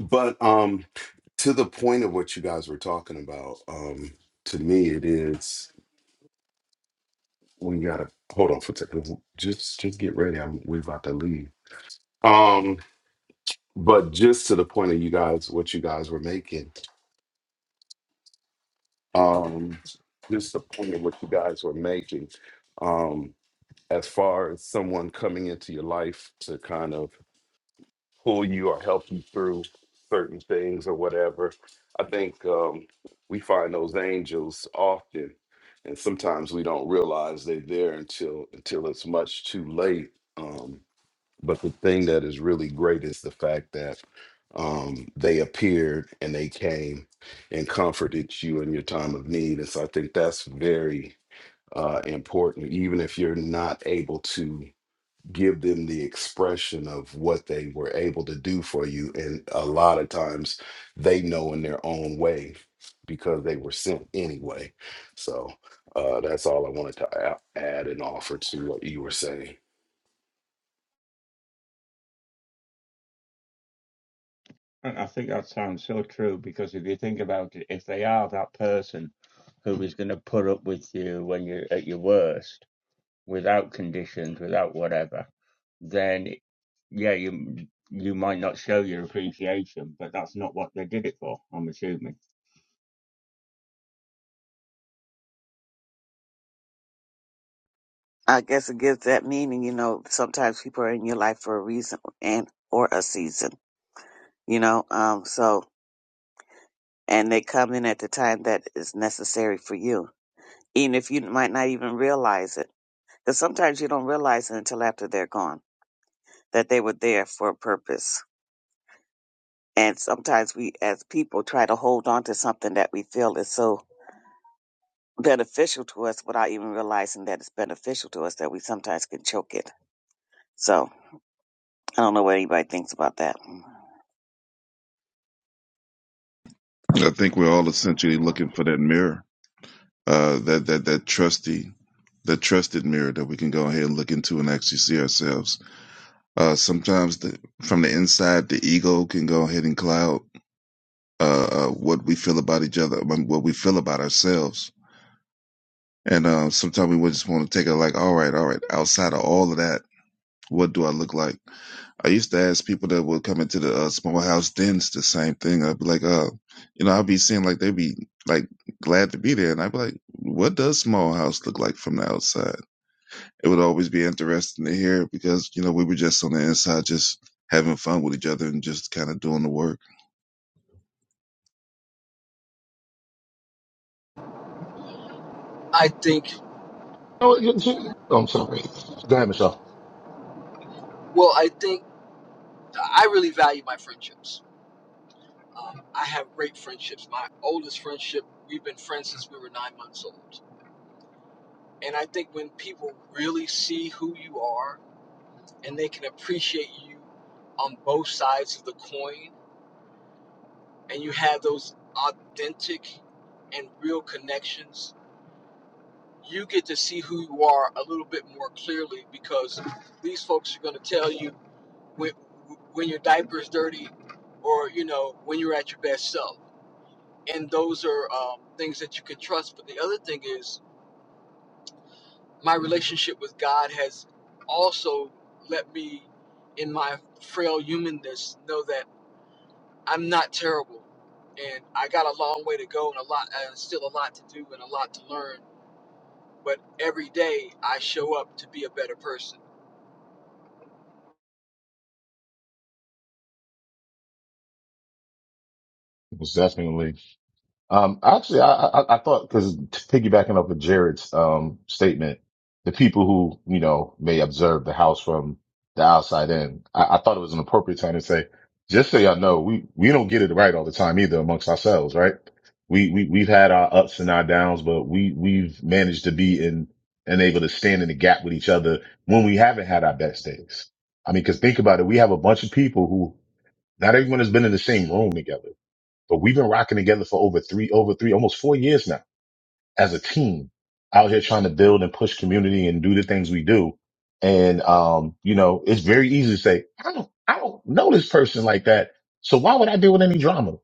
but um, to the point of what you guys were talking about, um, to me it is we gotta hold on for a second. Just just get ready. I'm, we about to leave. Um. but just to the point of you guys what you guys were making um just the point of what you guys were making um as far as someone coming into your life to kind of pull you or help you through certain things or whatever i think um we find those angels often and sometimes we don't realize they're there until until it's much too late um But the thing that is really great is the fact that um, they appeared and they came and comforted you in your time of need. And so I think that's very uh, important, even if you're not able to give them the expression of what they were able to do for you. And a lot of times they know in their own way because they were sent anyway. So uh, that's all I wanted to a- add and offer to what you were saying. And I think that sounds so true because if you think about it, if they are that person who is going to put up with you when you're at your worst, without conditions, without whatever, then yeah, you you might not show your appreciation, but that's not what they did it for. I'm assuming. I guess it gives that meaning. You know, sometimes people are in your life for a reason and or a season. You know, um, so and they come in at the time that is necessary for you, even if you might not even realize it. Because sometimes you don't realize it until after they're gone that they were there for a purpose. And sometimes we, as people, try to hold on to something that we feel is so beneficial to us without even realizing that it's beneficial to us that we sometimes can choke it. So. I don't know what anybody thinks about that. I think we're all essentially looking for that mirror. Uh that that that trusty that trusted mirror that we can go ahead and look into and actually see ourselves. Uh, sometimes the, from the inside, the ego can go ahead and cloud uh, uh, what we feel about each other, um, what we feel about ourselves. And uh, sometimes we would just want to take it like, all right, all right, outside of all of that, what do I look like? I used to ask people that would come into the uh, small house dens the same thing. I'd be like, uh, you know, I'd be seeing like they'd be like glad to be there. And I'd be like, what does small house look like from the outside? it would always be interesting to hear because you know we were just on the inside, just having fun with each other and just kind of doing the work. I think Oh, you- I'm sorry. Go ahead, Michelle. well I think I really value my friendships Um, I have great friendships. My oldest friendship, we've been friends since we were nine months old. And I think when people really see who you are and they can appreciate you on both sides of the coin, and you have those authentic and real connections, you get to see who you are a little bit more clearly because these folks are going to tell you when, when your diaper is dirty or, you know, when you're at your best self. and those are um, things that you can trust. But the other thing is, my relationship with God has also let me, in my frail humanness, know that I'm not terrible, and I got a long way to go, and a lot, and still a lot to do, and a lot to learn. But every day I show up to be a better person. Most definitely. Um, actually, I, I, I thought because piggybacking off of Jared's um, statement, the people who you know may observe the house from the outside in, I, I thought it was an appropriate time to say, just so y'all know, we we don't get it right all the time either amongst ourselves, right? We we we've had our ups and our downs, but we we've managed to be in and able to stand in the gap with each other when we haven't had our best days. I mean, because think about it, we have a bunch of people who not everyone has been in the same room together but we've been rocking together for over three, over three, almost four years now as a team out here trying to build and push community and do the things we do. And, um, you know, it's very easy to say, I don't, I don't know this person like that. So why would I deal with any drama?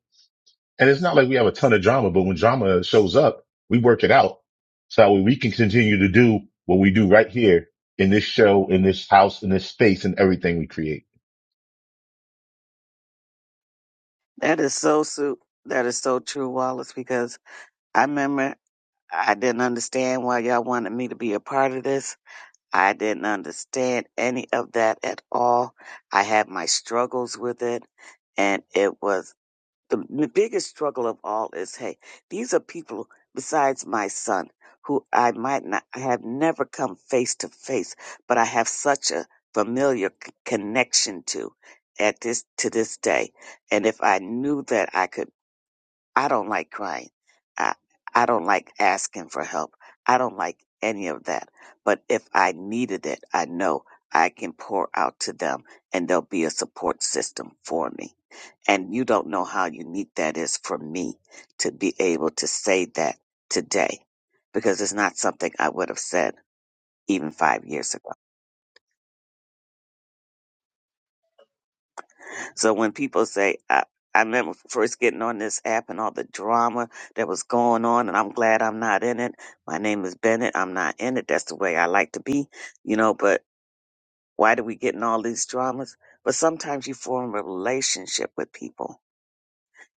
And it's not like we have a ton of drama, but when drama shows up, we work it out so that way we can continue to do what we do right here in this show, in this house, in this space, and everything we create. That is so su- that is so true, Wallace, because I remember I didn't understand why y'all wanted me to be a part of this. I didn't understand any of that at all. I had my struggles with it and it was the, the biggest struggle of all is hey these are people besides my son who i might not I have never come face to face but i have such a familiar c- connection to at this to this day and if i knew that i could I don't like crying. I, I don't like asking for help. I don't like any of that. But if I needed it, I know I can pour out to them and there'll be a support system for me. And you don't know how unique that is for me to be able to say that today because it's not something I would have said even five years ago. So when people say, I, I remember first getting on this app and all the drama that was going on, and I'm glad I'm not in it. My name is Bennett. I'm not in it. That's the way I like to be, you know, but why do we get in all these dramas? But sometimes you form a relationship with people,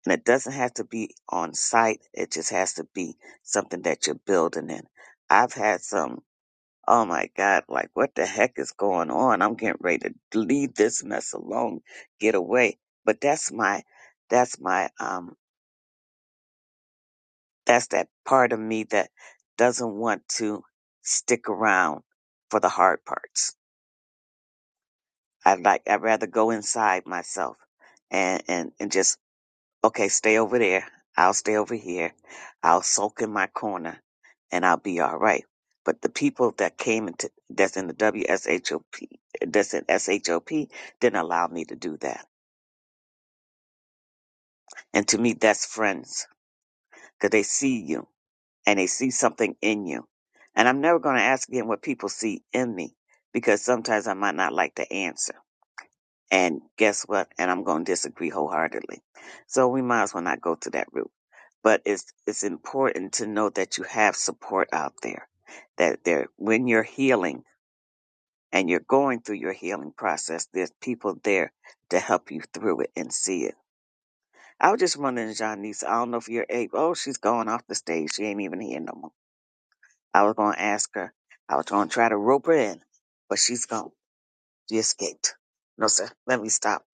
and it doesn't have to be on site, it just has to be something that you're building in. I've had some. Oh my God, like what the heck is going on? I'm getting ready to leave this mess alone, get away. But that's my, that's my, um, that's that part of me that doesn't want to stick around for the hard parts. I like, I'd rather go inside myself and, and, and just Okay, stay over there. I'll stay over here. I'll sulk in my corner and I'll be all right. But the people that came into that's in the WSHOP that's in SHOP didn't allow me to do that. And to me that's friends because they see you and they see something in you. And I'm never going to ask again what people see in me because sometimes I might not like to answer. And guess what? And I'm going to disagree wholeheartedly. So we might as well not go to that route. But it's it's important to know that you have support out there. That there, when you're healing and you're going through your healing process, there's people there to help you through it and see it. I was just wondering, Janice, I don't know if you're able. Oh, she's going off the stage. She ain't even here no more. I was going to ask her. I was going to try to rope her in, but she's gone. She escaped. No, sir. Let me stop.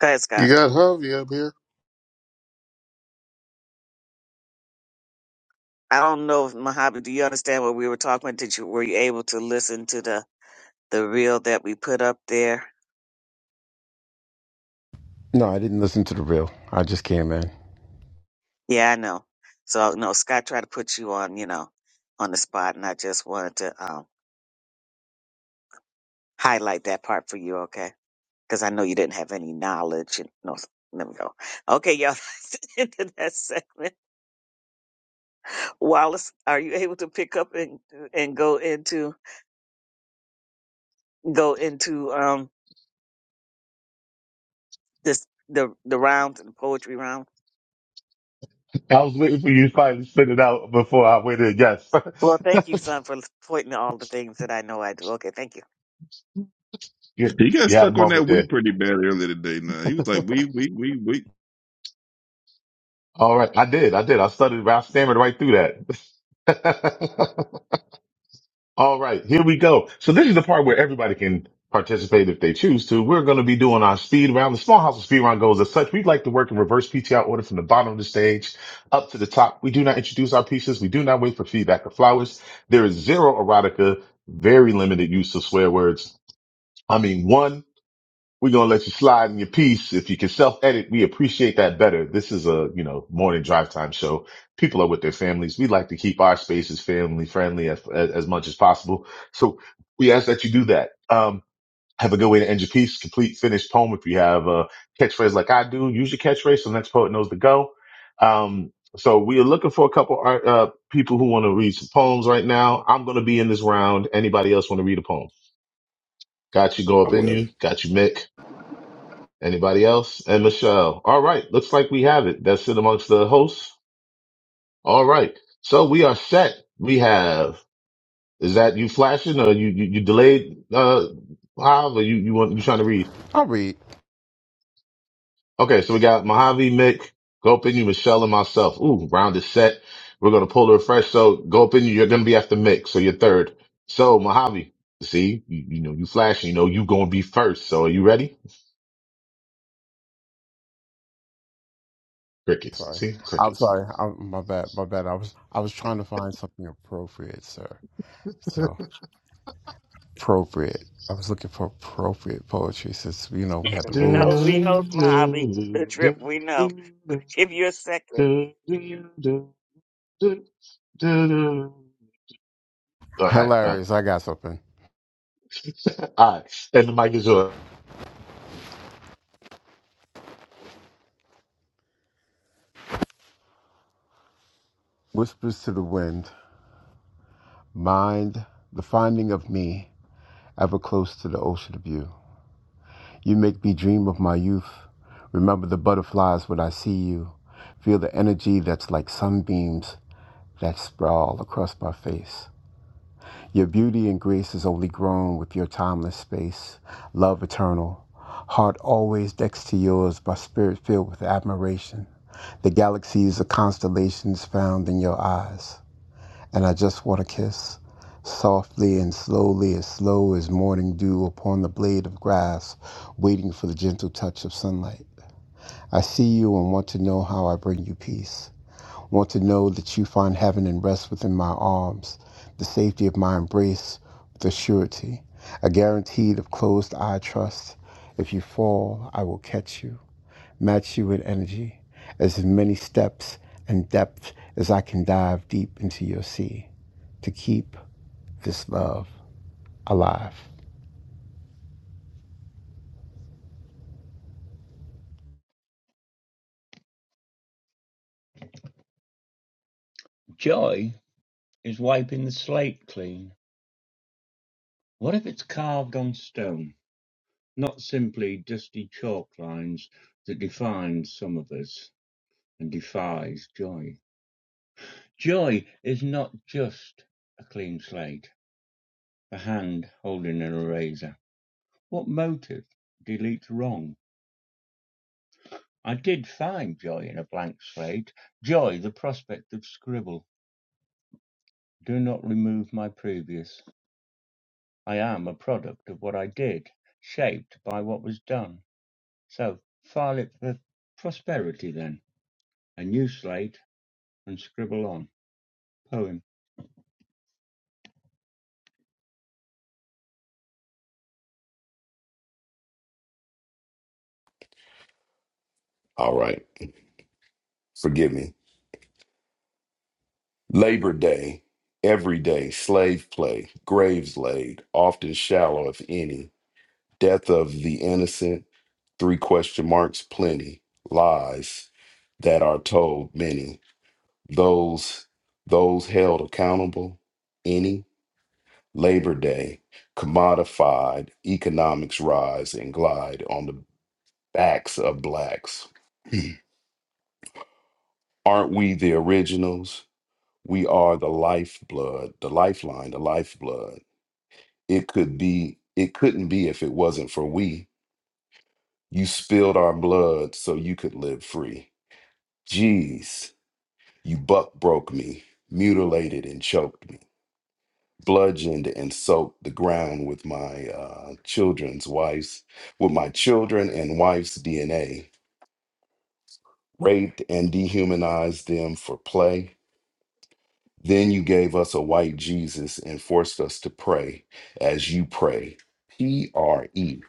Go ahead, Scott. You got Harvey up here. I don't know if Mojave, do you understand what we were talking about? Did you were you able to listen to the the reel that we put up there? No, I didn't listen to the real. I just came in. Yeah, I know. So no, Scott tried to put you on, you know, on the spot, and I just wanted to um, highlight that part for you, okay? Because I know you didn't have any knowledge. And, no, let me go. Okay, y'all, that's the end of that segment. Wallace, are you able to pick up and and go into go into um this the the round the poetry round? I was waiting for you to finally spit it out before I went in. Yes. Well, thank you, son, for pointing out all the things that I know I do. Okay, thank you. You, He got you had a stuck on moment that we there. pretty bad earlier today. Now he was like we we we we. All right. I did. I did. I stuttered. I stammered right through that. All right. Here we go. So this is the part where everybody can participate if they choose to. We're going to be doing our speed round. The small house of speed round goes as such. We'd like to work in reverse PTR order from the bottom of the stage up to the top. We do not introduce our pieces. We do not wait for feedback or flowers. There is zero erotica, very limited use of swear words. I mean, one. We're gonna let you slide in your piece. If you can self edit, we appreciate that better. This is a, you know, morning drive time show. People are with their families. We like to keep our spaces family friendly as, as, as much as possible. So we ask that you do that. Um, have a good way to end your piece. Complete finished poem. If you have a catchphrase like I do, use your catchphrase so the next poet knows to go. Um, so we are looking for a couple art, uh, people who want to read some poems right now. I'm going to be in this round. Anybody else want to read a poem? Got you. Go I up in will. you. Got you, Mick. Anybody else? And Michelle. All right. Looks like we have it. That's it amongst the hosts. All right. So we are set. We have, is that you flashing or you, you, you delayed, uh, Mahav, or you, you want, you trying to read? I'll read. Okay. So we got Mojave, Mick, Gopin, you, Michelle, and myself. Ooh, round is set. We're going to pull a refresh. So Gopin, you're going to be after Mick. So you're third. So Mojave, see, you, you know, you flashing, you know, you going to be first. So are you ready? Crickets. Sorry. See, I'm crickets. sorry. I'm, my bad. My bad. I was I was trying to find something appropriate, sir. So appropriate. I was looking for appropriate poetry since you know we had the All We know, rules. we know it's my hobby, right, the trip. We know. Give you a second. well, Hilarious. I got something. all right, and the mic is yours. Whispers to the wind. Mind the finding of me ever close to the ocean of you. You make me dream of my youth. Remember the butterflies when I see you. Feel the energy that's like sunbeams that sprawl across my face. Your beauty and grace is only grown with your timeless space, love eternal. Heart always next to yours, my spirit filled with admiration. The galaxies of constellations found in your eyes. And I just want to kiss, softly and slowly, as slow as morning dew upon the blade of grass, waiting for the gentle touch of sunlight. I see you and want to know how I bring you peace want to know that you find heaven and rest within my arms, the safety of my embrace with a surety, a guaranteed of closed eye trust. If you fall, I will catch you, match you with energy, as many steps and depth as I can dive deep into your sea to keep this love alive. Joy is wiping the slate clean. What if it's carved on stone, not simply dusty chalk lines that defines some of us and defies joy? Joy is not just a clean slate, a hand holding an eraser. What motive deletes wrong? I did find joy in a blank slate, joy the prospect of scribble. Do not remove my previous. I am a product of what I did, shaped by what was done. So file it for prosperity then, a new slate, and scribble on. Poem. All right. Forgive me. Labor Day, every day, slave play, graves laid, often shallow, if any, death of the innocent, three question marks, plenty, lies that are told, many, those, those held accountable, any, Labor Day, commodified, economics rise and glide on the backs of blacks. Aren't we the originals? We are the lifeblood, the lifeline, the lifeblood. it could be it couldn't be if it wasn't for we you spilled our blood so you could live free jeez you buck broke me mutilated and choked me bludgeoned and soaked the ground with my uh, children's wives with my children and wife's dna raped and dehumanized them for play then you gave us a white jesus and forced us to pray as you pray pre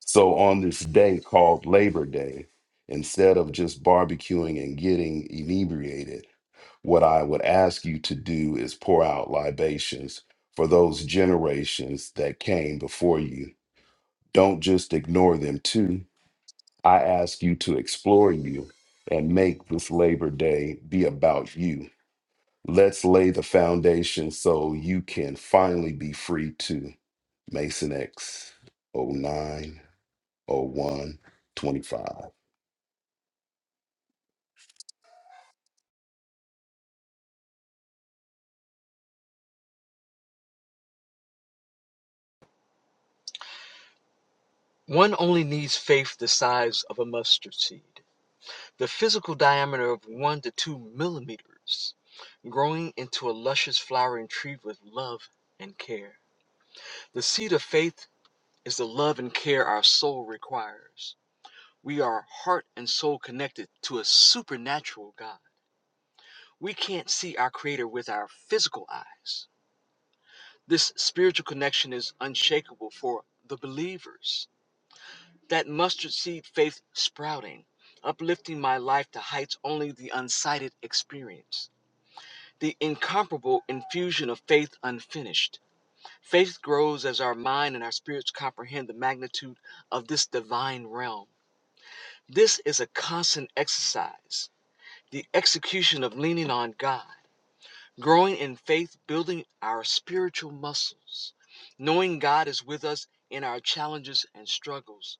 So on this day called Labor Day, instead of just barbecuing and getting inebriated, what I would ask you to do is pour out libations for those generations that came before you. Don't just ignore them too. I ask you to explore you and make this Labor Day be about you. Let's lay the foundation so you can finally be free too. Mason X oh 09 oh one twenty-five. One only needs faith the size of a mustard seed. The physical diameter of 1 to 2 millimeters, growing into a luscious flowering tree with love and care. The seed of faith is the love and care our soul requires. We are heart and soul connected to a supernatural God. We can't see our Creator with our physical eyes. This spiritual connection is unshakable for the believers. That mustard seed faith sprouting, uplifting my life to heights only the unsighted experience. the incomparable infusion of faith unfinished. Faith grows as our mind and our spirits comprehend the magnitude of this divine realm. This is a constant exercise, the execution of leaning on God, growing in faith, building our spiritual muscles, knowing God is with us in our challenges and struggles,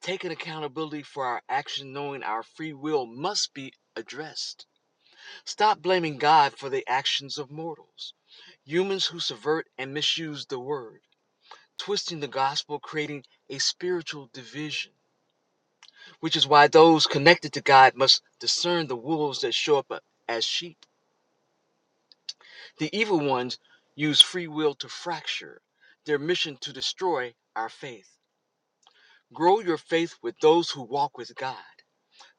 taking accountability for our actions, knowing our free will must be addressed Stop blaming God for the actions of mortals, humans who subvert and misuse the word, twisting the gospel, creating a spiritual division, which is why those connected to God must discern the wolves that show up uh, as sheep. The evil ones use free will to fracture, their mission to destroy our faith. Grow your faith with those who walk with God,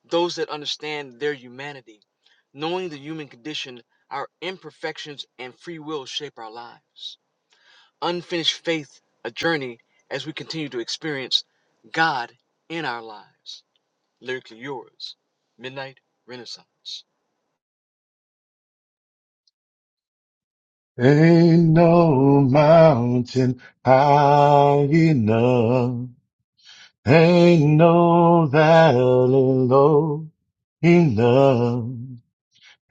those that understand their humanity, knowing the human condition, our imperfections, and free will shape our lives. unfinished faith a journey as we continue to experience God in our lives. Lyrically yours, Midnight Renaissance. Ain't no mountain high enough. Ain't no valley low enough.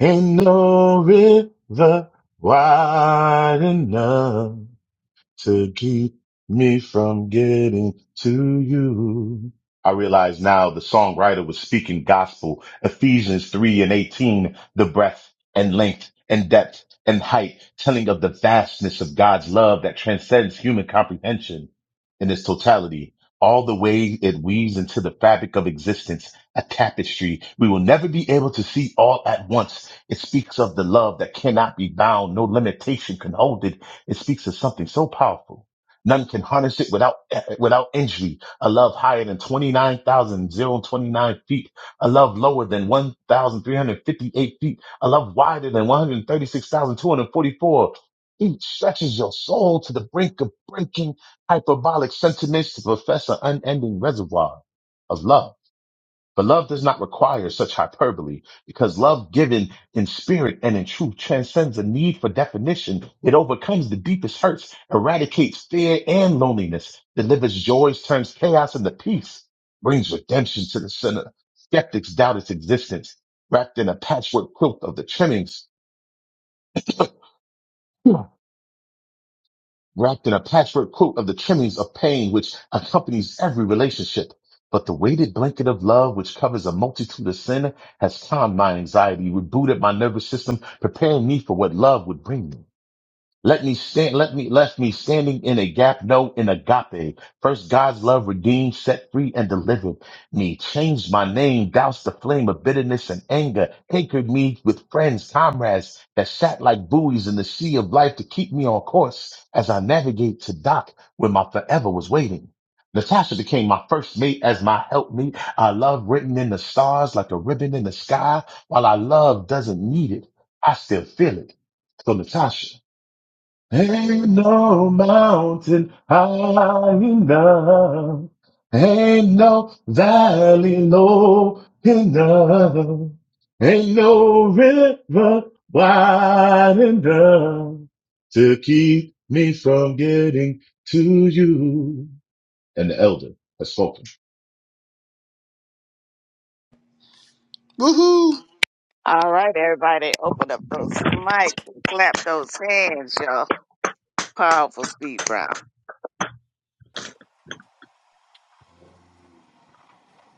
Ain't no river wide enough. to keep me from getting to you. I realize now the songwriter was speaking gospel. Ephesians 3 and 18, the breadth and length and depth and height, telling of the vastness of God's love that transcends human comprehension in its totality. All the way it weaves into the fabric of existence, a tapestry we will never be able to see all at once. It speaks of the love that cannot be bound. No limitation can hold it it speaks of something so powerful. None can harness it without without injury. A love higher than 29,029 feet. A love lower than 1,358 feet. A love wider than 136,244. Each stretches your soul to the brink of breaking hyperbolic sentiments to profess an unending reservoir of love. But love does not require such hyperbole because love given in spirit and in truth transcends the need for definition. It overcomes the deepest hurts, eradicates fear and loneliness, delivers joys, turns chaos into peace, brings redemption to the sinner. Skeptics doubt its existence, wrapped in a patchwork quilt of the trimmings wrapped in a patchwork quilt of the trimmings of pain which accompanies every relationship. But the weighted blanket of love, which covers a multitude of sin, has calmed my anxiety, rebooted my nervous system, preparing me for what love would bring me. Let me stand, let me, left me standing in a gap, no, in agape. First, God's love redeemed, set free, and delivered me. Changed my name, doused the flame of bitterness and anger, anchored me with friends, comrades that sat like buoys in the sea of life to keep me on course as I navigate to dock where my forever was waiting. Natasha became my first mate as my helpmate. I love written in the stars like a ribbon in the sky. While I love doesn't need it, I still feel it. So Natasha. Ain't no mountain high enough. Ain't no valley low enough. Ain't no river wide enough to keep me from getting to you. And the elder has spoken. Woohoo! All right, everybody, open up those mics, and clap those hands, y'all. Powerful speed round.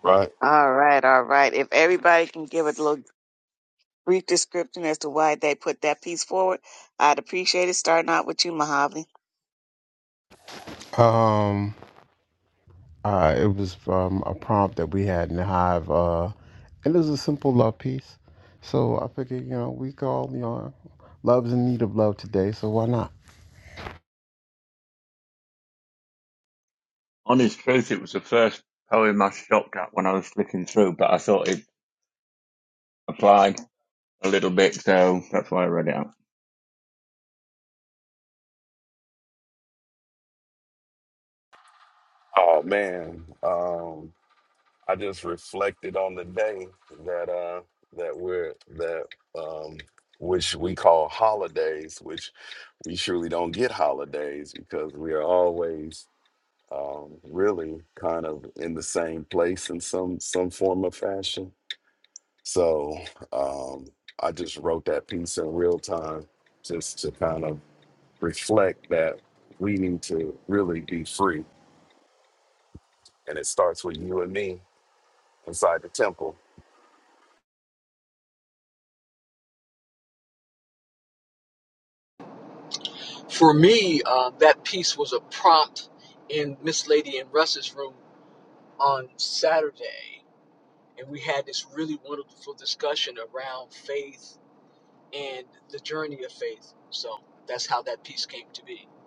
Right. All right, all right. If everybody can give a little brief description as to why they put that piece forward, I'd appreciate it. Starting out with you, Mojave. Um, Uh, it was from a prompt that we had in the hive, uh, and it was a simple love piece. So I figured, you know, we all, you know, love's in need of love today, so why not? Honest truth, it was the first poem I stopped at when I was flicking through, but I thought it applied a little bit, so that's why I read it out. Oh man, um, I just reflected on the day that uh, that we're that um, which we call holidays, which we surely don't get holidays because we are always um, really kind of in the same place in some some form of fashion. So um, I just wrote that piece in real time just to kind of reflect that we need to really be free, and it starts with you and me inside the temple. For me, uh, that piece was a prompt in Miss Lady and Russ's room on Saturday, and we had this really wonderful discussion around faith and the journey of faith. So that's how that piece came to be.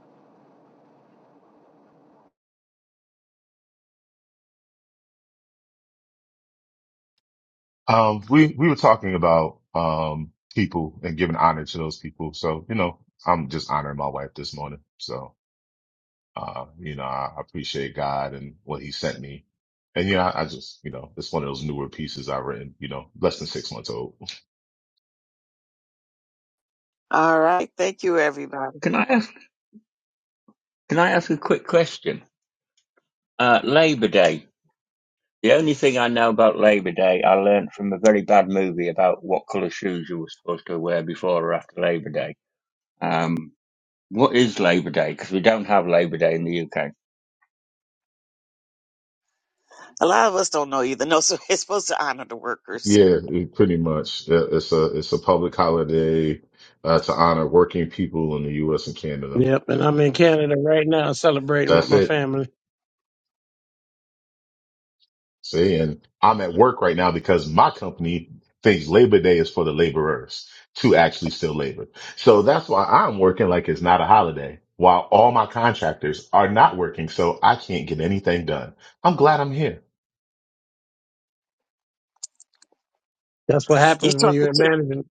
Um, we, we were talking about, um, people and giving honor to those people. So, you know, I'm just honoring my wife this morning. So. Uh, you know, I I appreciate God and what he sent me. And yeah, I, I just, you know, it's one of those newer pieces I've written, you know, less than six months old. All right, thank you, everybody. Can I ask? Can I ask a quick question? Uh, Labour Day. The only thing I know about Labor Day, I learned from a very bad movie about what colour shoes you were supposed to wear before or after Labor Day. Um, what is Labor Day? Because we don't have Labor Day in the UK. A lot of us don't know either. No, so it's supposed to honor the workers. Yeah, it- pretty much. Yeah, It's a, it's a public holiday, uh, to honor working people in the U.S. and Canada. Yep, and I'm in Canada right now celebrating with That's my it. family. See, and I'm at work right now because my company thinks Labor Day is for the laborers to actually still labor. So that's why I'm working like it's not a holiday while all my contractors are not working. So I can't get anything done. I'm glad I'm here. That's what You're happens when talking you're in to management.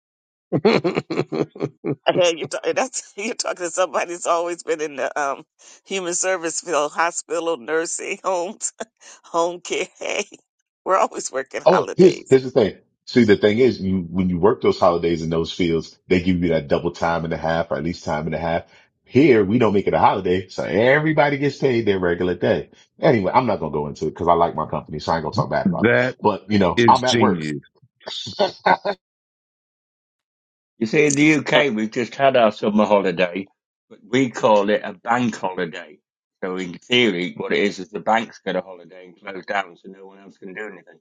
hey, you're talking that's you're talking to somebody that's always been in the um human service field, hospital, nursing homes, home care. Hey, we're always working Oh, here's holidays. here's the thing. See, the thing is, you when you work those holidays in those fields, they give you that double time and a half, or at least time and a half. Here, we don't make it a holiday, so everybody gets paid their regular day. Anyway, I'm not gonna go into it because I like my company, so I ain't gonna talk bad about them. That But you know, is I'm at work. genius, You see, in the UK, we've just had our summer holiday, but we call it a bank holiday. So in theory, what it is is the banks get a holiday and close down, so no one else can do anything.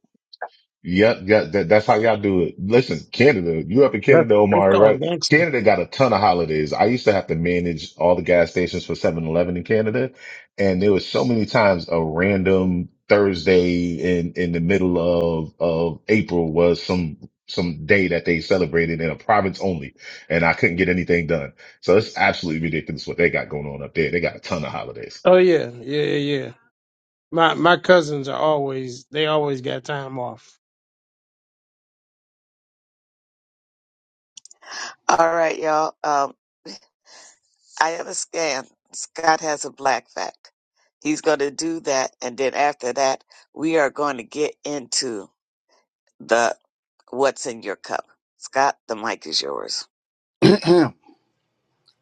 Yep, yeah, that, that's how y'all do it. Listen, Canada, you up in that's Canada, that's Omari, called right? gangster. Canada got a ton of holidays. I used to have to manage all the gas stations for Seven Eleven in Canada, and there was so many times a random Thursday in in the middle of of April was some some day that they celebrated in a province only, and I couldn't get anything done. So it's absolutely ridiculous what they got going on up there. They got a ton of holidays. Oh yeah, yeah, yeah. yeah. My my cousins are always they always got time off. All right, y'all. Um, I have a scan. Scott has a black fact. He's going to do that, and then after that, we are going to get into the what's in your cup. Scott, the mic is yours.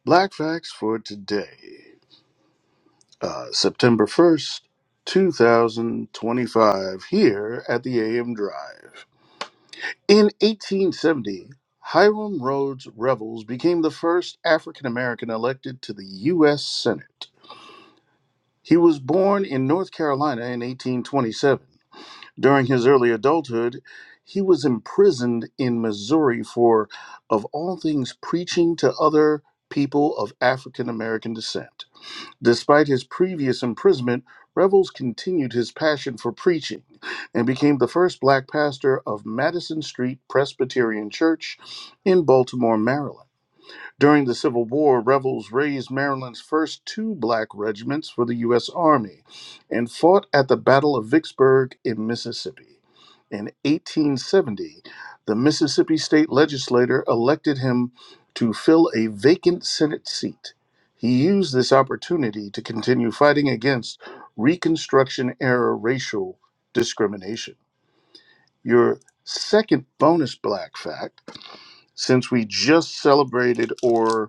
Black facts for today, uh, September 1st, 2025, here at the AM Drive. In 1870, Hiram Rhodes Revels became the first African American elected to the U.S. Senate. He was born in North Carolina in 1827. During his early adulthood, he was imprisoned in Missouri for, of all things, preaching to other people of African American descent. Despite his previous imprisonment, Revels continued his passion for preaching and became the first black pastor of Madison Street Presbyterian Church in Baltimore, Maryland. During the Civil War, rebels raised Maryland's first two black regiments for the U.S. Army and fought at the Battle of Vicksburg in Mississippi. In 1870, the Mississippi state legislature elected him to fill a vacant Senate seat. He used this opportunity to continue fighting against Reconstruction era racial discrimination. Your second bonus black fact, since we just celebrated or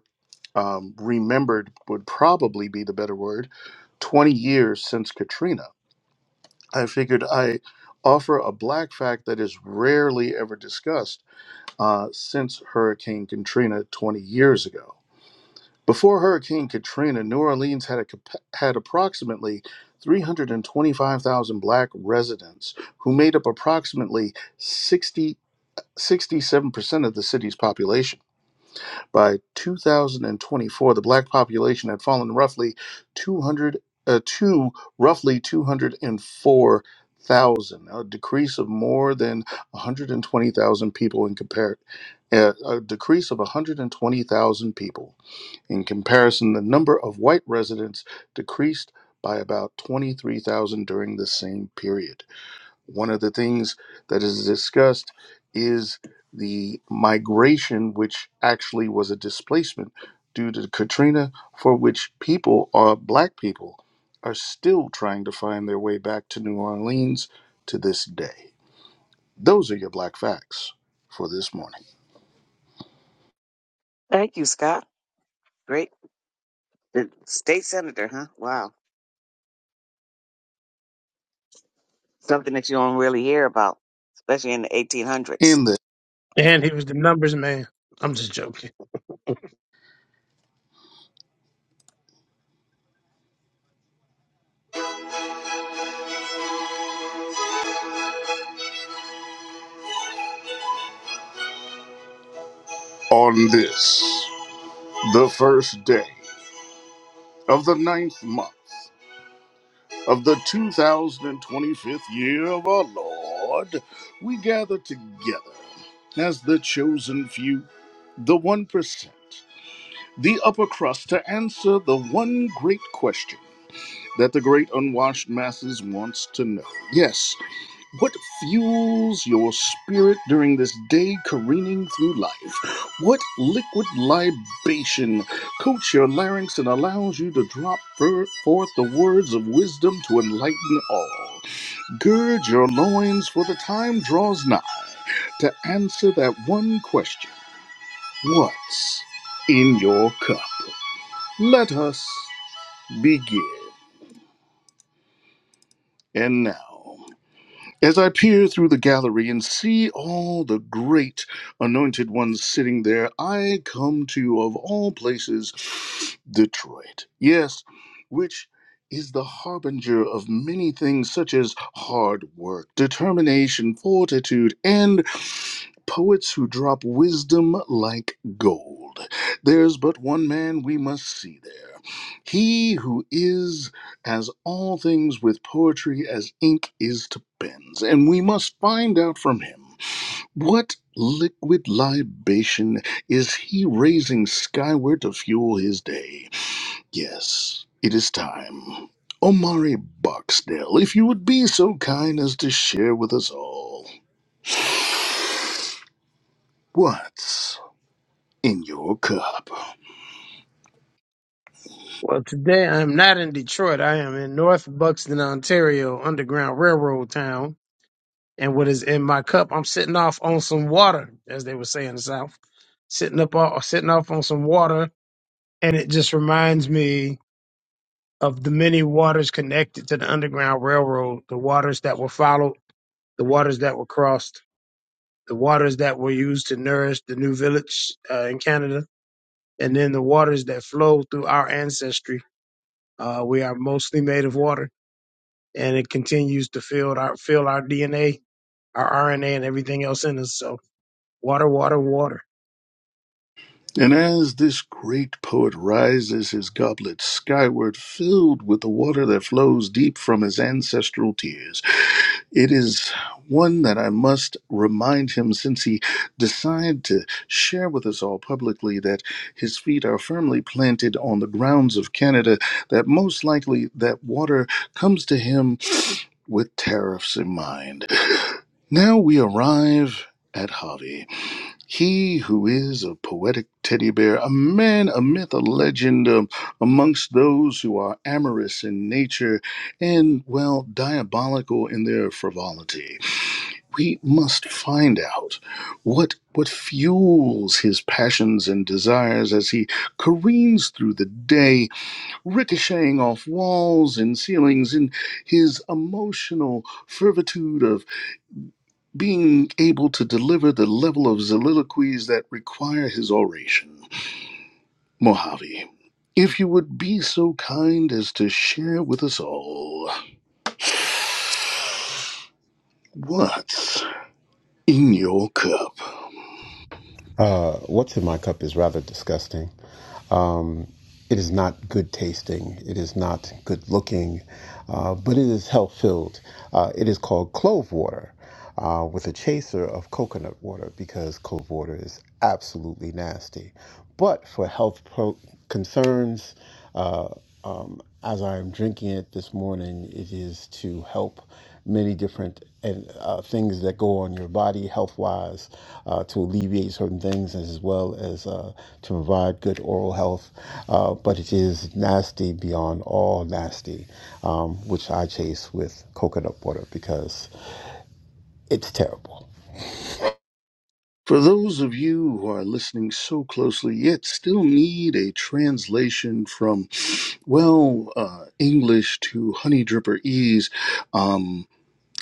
um, remembered would probably be the better word 20 years since Katrina. I figured I offer a black fact that is rarely ever discussed uh, since Hurricane Katrina 20 years ago. Before Hurricane Katrina, New Orleans had a, cap- had approximately 325,000 black residents who made up approximately sixty-sixty-seven percent of the city's population. By 2024, the black population had fallen roughly 200 uh, to roughly 204,000, a decrease of more than 120,000 people in compare uh, a decrease of 120,000 people. In comparison, the number of white residents decreased by about 23,000 during the same period. One of the things that is discussed is the migration, which actually was a displacement due to Katrina, for which people are black people are still trying to find their way back to New Orleans to this day. Those are your black facts for this morning. Thank you, Scott. Great The state senator, huh? Wow, something that you don't really hear about, especially in the 1800s. In the And he was the numbers man. I'm just joking. on this, the first day of the ninth month of the 2025th year of our Lord, we gather together as the chosen few, the 1%, the upper crust, to answer the one great question that the great unwashed masses wants to know. Yes what fuels your spirit during this day careening through life? What liquid libation coats your larynx and allows you to drop fir- forth the words of wisdom to enlighten all? Gird your loins, for the time draws nigh to answer that one question What's in your cup? Let us begin. And now. As I peer through the gallery and see all the great anointed ones sitting there, I come to, of all places, Detroit. Yes, which is the harbinger of many things such as hard work, determination, fortitude, and poets who drop wisdom like gold. There's but one man we must see there. He who is as all things with poetry as ink is to pens, and we must find out from him what liquid libation is he raising skyward to fuel his day. Yes, it is time. Omari Boxdale, if you would be so kind as to share with us all what's in your cup. Well, today I'm not in Detroit. I am in North Buxton, Ontario, Underground Railroad town. And what is in my cup? I'm sitting off on some water, as they would say in the South. Sitting up, all, sitting off on some water and it just reminds me of the many waters connected to the Underground Railroad, the waters that were followed, the waters that were crossed, the waters that were used to nourish the new village uh, in Canada, and then the waters that flow through our ancestry. Uh, we are mostly made of water, and it continues to fill our fill our DNA, our RNA, and everything else in us. So, water, water, water. And as this great poet rises his goblet skyward, filled with the water that flows deep from his ancestral tears, it is one that I must remind him since he decided to share with us all publicly that his feet are firmly planted on the grounds of Canada, that most likely that water comes to him with tariffs in mind. Now we arrive at Harvey. He who is a poetic teddy bear, a man, a myth, a legend um, amongst those who are amorous in nature and, well, diabolical in their frivolity. We must find out what, what fuels his passions and desires as he careens through the day, ricocheting off walls and ceilings in his emotional fervitude of being able to deliver the level of soliloquies that require his oration. Mojave, if you would be so kind as to share with us all what's in your cup. Uh, what's in my cup is rather disgusting. Um, it is not good tasting. It is not good looking, uh, but it is health filled. Uh, it is called clove water uh, with a chaser of coconut water because clove water is absolutely nasty. But for health pro- concerns, uh, um, as I'm drinking it this morning, it is to help many different and uh, things that go on your body health wise, uh, to alleviate certain things as well as uh, to provide good oral health. Uh, but it is nasty beyond all nasty, um, which I chase with coconut water because it's terrible. For those of you who are listening so closely yet still need a translation from, well, uh, English to Honey Dripper Ease, um,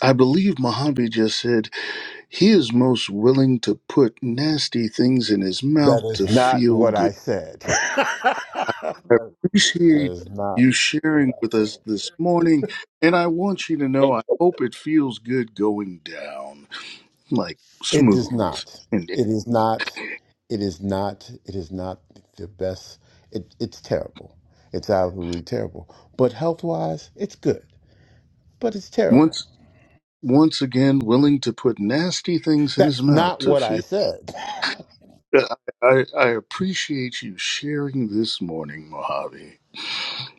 I believe Mojave just said He is most willing to put nasty things in his mouth That to is not feel what good. I said. that I appreciate is not you what sharing I with said. us this morning, and I want you to know I hope it feels good going down, like It does smooth. not. And It is not. It is not. It is not the best. It, it's terrible. It's absolutely terrible. But health wise, it's good. But it's terrible. once once again, willing to put nasty things in his That's mouth not to what I feel. said. I, I, I appreciate you sharing this morning, Mojave.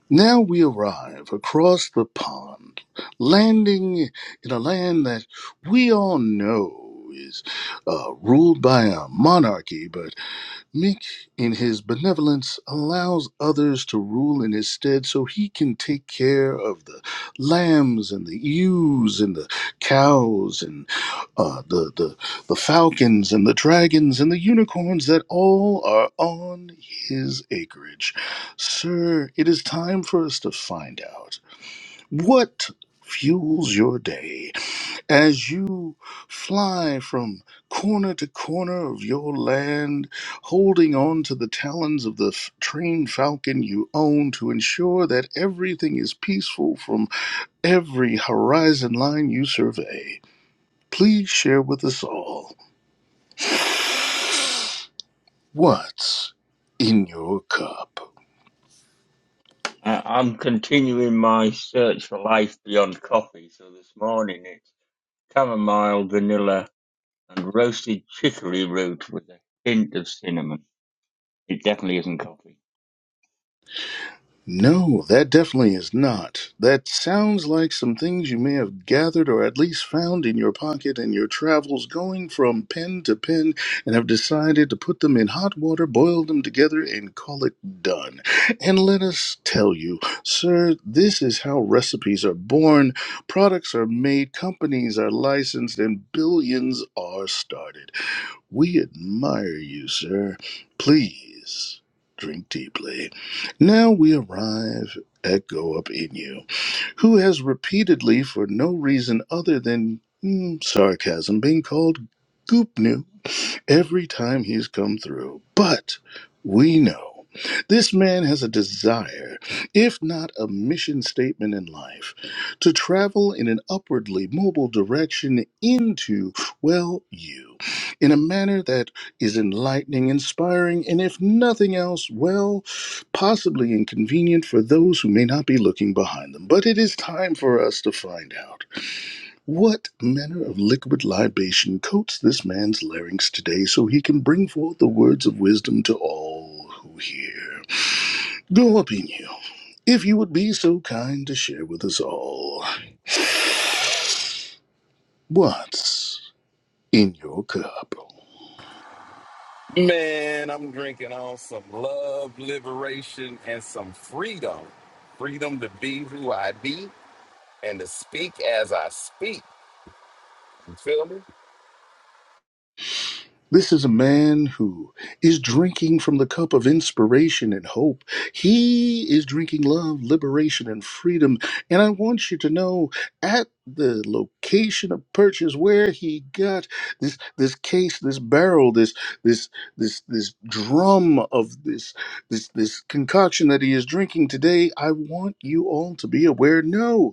Now we arrive across the pond, landing in a land that we all know is uh, ruled by a monarchy, but. Meek, in his benevolence, allows others to rule in his stead so he can take care of the lambs and the ewes and the cows and uh, the, the, the falcons and the dragons and the unicorns that all are on his acreage. Sir, it is time for us to find out what fuels your day as you fly from corner to corner of your land, holding on to the talons of the f- trained falcon you own to ensure that everything is peaceful from every horizon line you survey. Please share with us all what's in your cup. Uh, I'm continuing my search for life beyond coffee. So this morning it's chamomile, vanilla, and roasted chicory root with a hint of cinnamon. It definitely isn't coffee. No, that definitely is not. That sounds like some things you may have gathered or at least found in your pocket in your travels, going from pen to pen, and have decided to put them in hot water, boil them together, and call it done. And let us tell you, sir, this is how recipes are born, products are made, companies are licensed, and billions are started. We admire you, sir. Please drink deeply. Now we arrive at Go Up In You, who has repeatedly, for no reason other than mm, sarcasm, been called Goopnu every time he's come through. But we know this man has a desire, if not a mission statement in life, to travel in an upwardly mobile direction into, well, you, in a manner that is enlightening, inspiring, and if nothing else, well, possibly inconvenient for those who may not be looking behind them. But it is time for us to find out. What manner of liquid libation coats this man's larynx today so he can bring forth the words of wisdom to all who hear? Go up in you, if you would be so kind to share with us all what's in your cup. Man, I'm drinking on some love, liberation, and some freedom. Freedom to be who I be and to speak as I speak. You feel me? This is a man who is drinking from the cup of inspiration and hope. He is drinking love, liberation, and freedom. And I want you to know at the location of purchase where he got this this case, this barrel, this this this this drum of this this this concoction that he is drinking today. I want you all to be aware. No.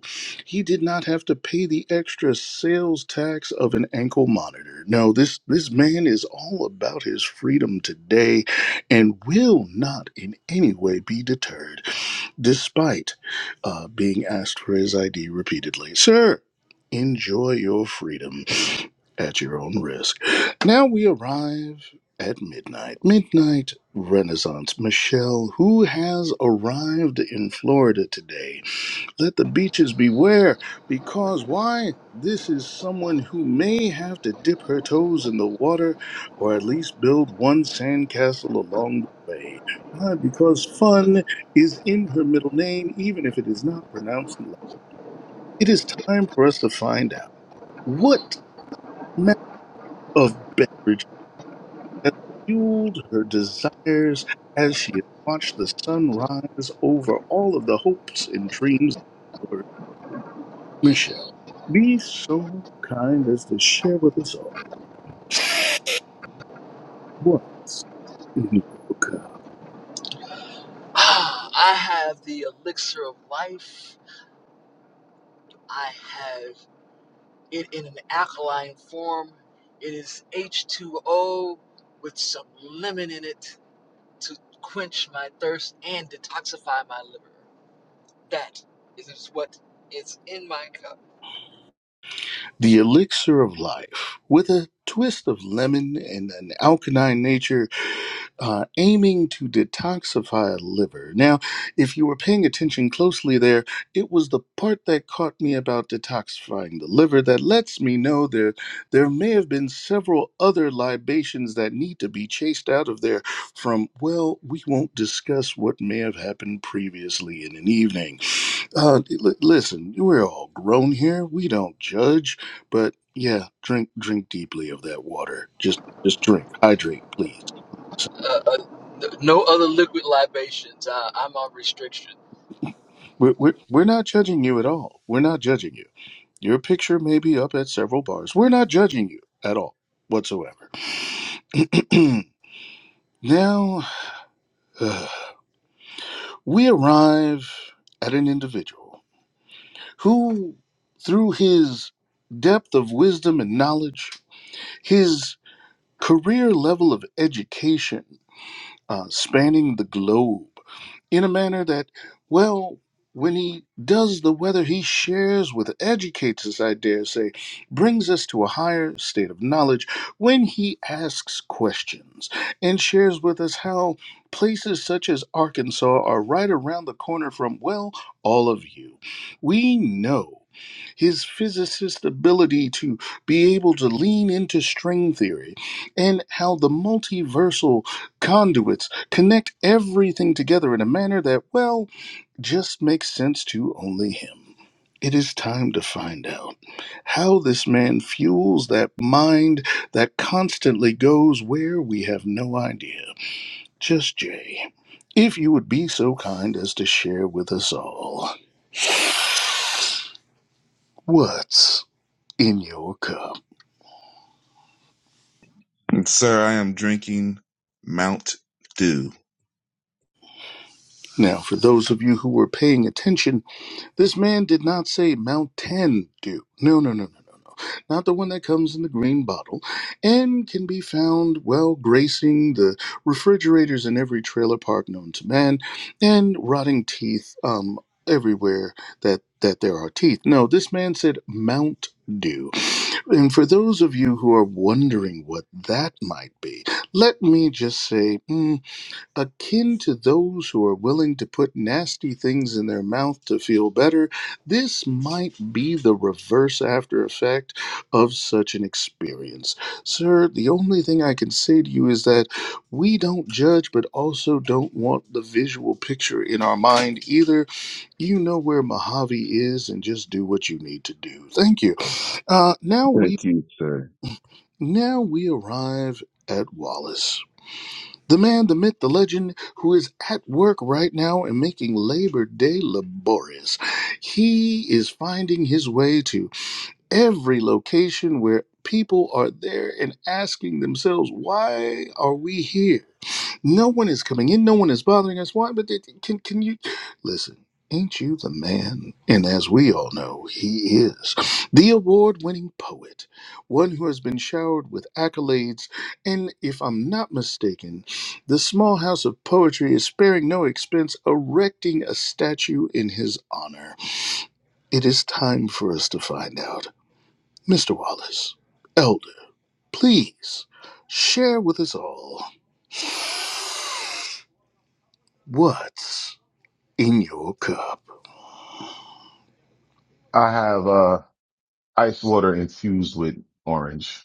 He did not have to pay the extra sales tax of an ankle monitor. No, this this man is all about his freedom today and will not in any way be deterred despite uh, being asked for his ID repeatedly. Sir, enjoy your freedom at your own risk. Now we arrive at midnight. Midnight Renaissance. Michelle, who has arrived in Florida today, let the beaches beware, because why? This is someone who may have to dip her toes in the water or at least build one sandcastle along the way. Why? Because fun is in her middle name, even if it is not pronounced in love. It is time for us to find out what map of beverage has fueled her desires as she has watched the sun rise over all of the hopes and dreams. Michelle, be so kind as to share with us all what's in your cup. Ah, I have the elixir of life. I have it in an alkaline form. It is H2O with some lemon in it to quench my thirst and detoxify my liver. That is what is in my cup. The elixir of life, with a twist of lemon and an alkaline nature, uh, aiming to detoxify a liver. Now, if you were paying attention closely there, it was the part that caught me about detoxifying the liver that lets me know that there may have been several other libations that need to be chased out of there from, well, we won't discuss what may have happened previously in an evening. Uh, li- listen, we're all grown here. We don't judge, but yeah, drink drink deeply of that water. Just just drink, hydrate, please. Uh, uh, no no other liquid libations. Uh, I'm on restriction. We're we're, we're not judging you at all. We're not judging you. Your picture may be up at several bars. We're not judging you at all whatsoever. now, uh, we arrive at an individual who, through his depth of wisdom and knowledge, his career level of education uh, spanning the globe in a manner that, well, when he does the weather, he shares with, educates us, I dare say, brings us to a higher state of knowledge when he asks questions and shares with us how places such as Arkansas are right around the corner from, well, all of you. We know his physicist ability to be able to lean into string theory and how the multiversal conduits connect everything together in a manner that, well, just makes sense to only him. It is time to find out how this man fuels that mind that constantly goes where we have no idea. Just Jay, if you would be so kind as to share with us all what's in your cup. And, sir. I am drinking Mount Dew. Now, for those of you who were paying attention, this man did not say Mountain Dew. No, no, no, no, no, no. Not the one that comes in the green bottle and can be found, well, gracing the refrigerators in every trailer park known to man and rotting teeth um, everywhere that, that there are teeth. No, this man said Mount Dew. And for those of you who are wondering what that might be, let me just say. mm, akin to those who are willing to put nasty things in their mouth to feel better, this might be the reverse after effect of such an experience. Sir, the only thing I can say to you is that we don't judge, but also don't want the visual picture in our mind either. You know where Mojave is, and just do what you need to do. Thank you. Uh, now we Thank you, sir. now we arrive at Wallace. The man, the myth, the legend, who is at work right now and making Labor Day laborious. He is finding his way to every location where people are there and asking themselves, why are we here? No one is coming in. No one is bothering us. Why? But it, can can you listen? Ain't you the man? And as we all know, he is the award-winning poet, one who has been showered with accolades. And if I'm not mistaken, the small house of poetry is sparing no expense, erecting a statue in his honor. It is time for us to find out, Mr. Wallace, Elder. Please share with us all what. in your cup. I have uh ice water infused with orange.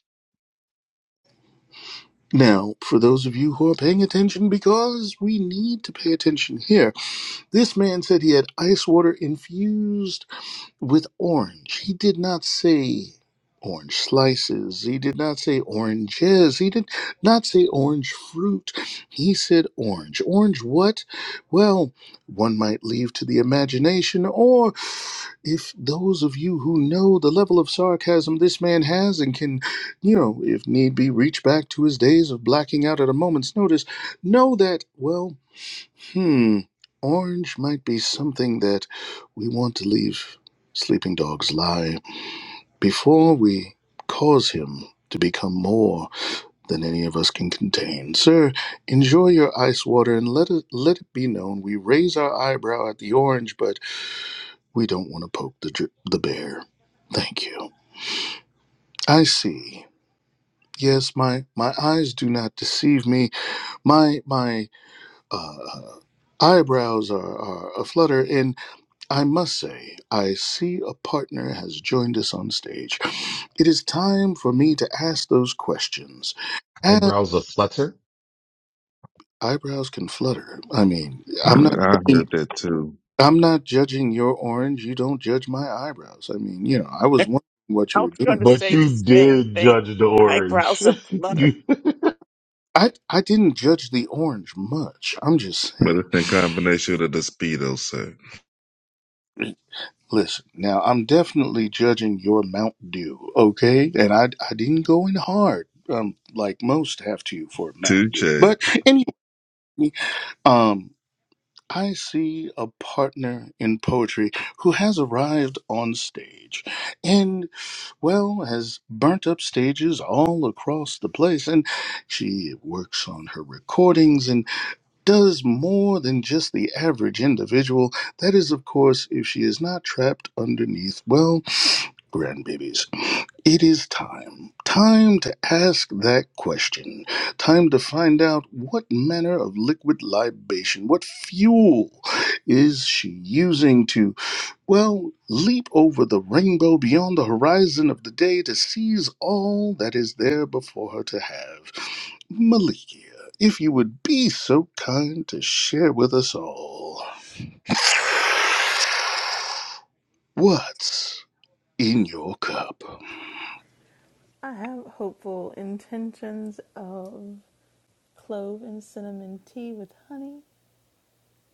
Now, for those of you who are paying attention, because we need to pay attention here, this man said he had ice water infused with orange. He did not say orange slices. He did not say oranges. He did not say orange fruit. He said orange. Orange what? Well, one might leave to the imagination, or if those of you who know the level of sarcasm this man has and can, you know, if need be, reach back to his days of blacking out at a moment's notice, know that, well, Hmm, orange might be something that we want to leave sleeping dogs lie before we cause him to become more than any of us can contain. Sir, enjoy your ice water and let it, let it be known we raise our eyebrow at the orange, but we don't want to poke the, dr- the bear. Thank you. I see. Yes, my, my eyes do not deceive me. My my uh, eyebrows are, are aflutter, and I must say, I see a partner has joined us on stage. It is time for me to ask those questions. And Eyebrows a flutter eyebrows can flutter. I mean, I'm not I heard judging, that too, I'm not judging your orange. You don't judge my eyebrows. I mean, you know, I I was wondering what you was were going to doing. But say the you same did thing. judge the orange. Eyebrows are flutter. you, I I didn't judge the orange much. I'm just but saying. it's in combination with the speedo, sir. Listen, now I'm definitely judging your Mount Dew, okay? And I I didn't go in hard, um, like most have to for Mount Dew. Touche. But anyway. Um, I see a partner in poetry who has arrived on stage and, well, has burnt up stages all across the place. And she works on her recordings and does more than just the average individual. That is, of course, if she is not trapped underneath, well, grandbabies. It is time. Time to ask that question. Time to find out what manner of liquid libation, what fuel is she using to, well, leap over the rainbow beyond the horizon of the day to seize all that is there before her to have. Malikia, if you would be so kind to share with us all what's in your cup. I have hopeful intentions of clove and cinnamon tea with honey,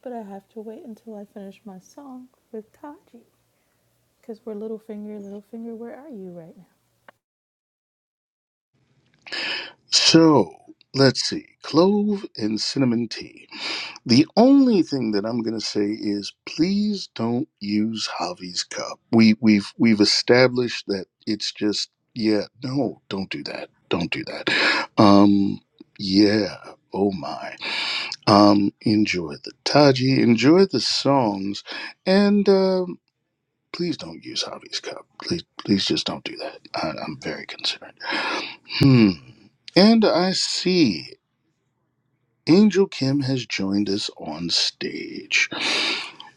but I have to wait until I finish my song with Taji because we're Littlefinger, Littlefinger, where are you right now? So, let's see, clove and cinnamon tea. The only thing that I'm going to say is please don't use Javi's cup. We we've we've established that it's just yeah, no, don't do that. Don't do that. Um yeah, oh my. Um enjoy the Taji, enjoy the songs and um please don't use Javi's cup. Please please just don't do that. I, I'm very concerned. Hmm. And I see Angel Kim has joined us on stage.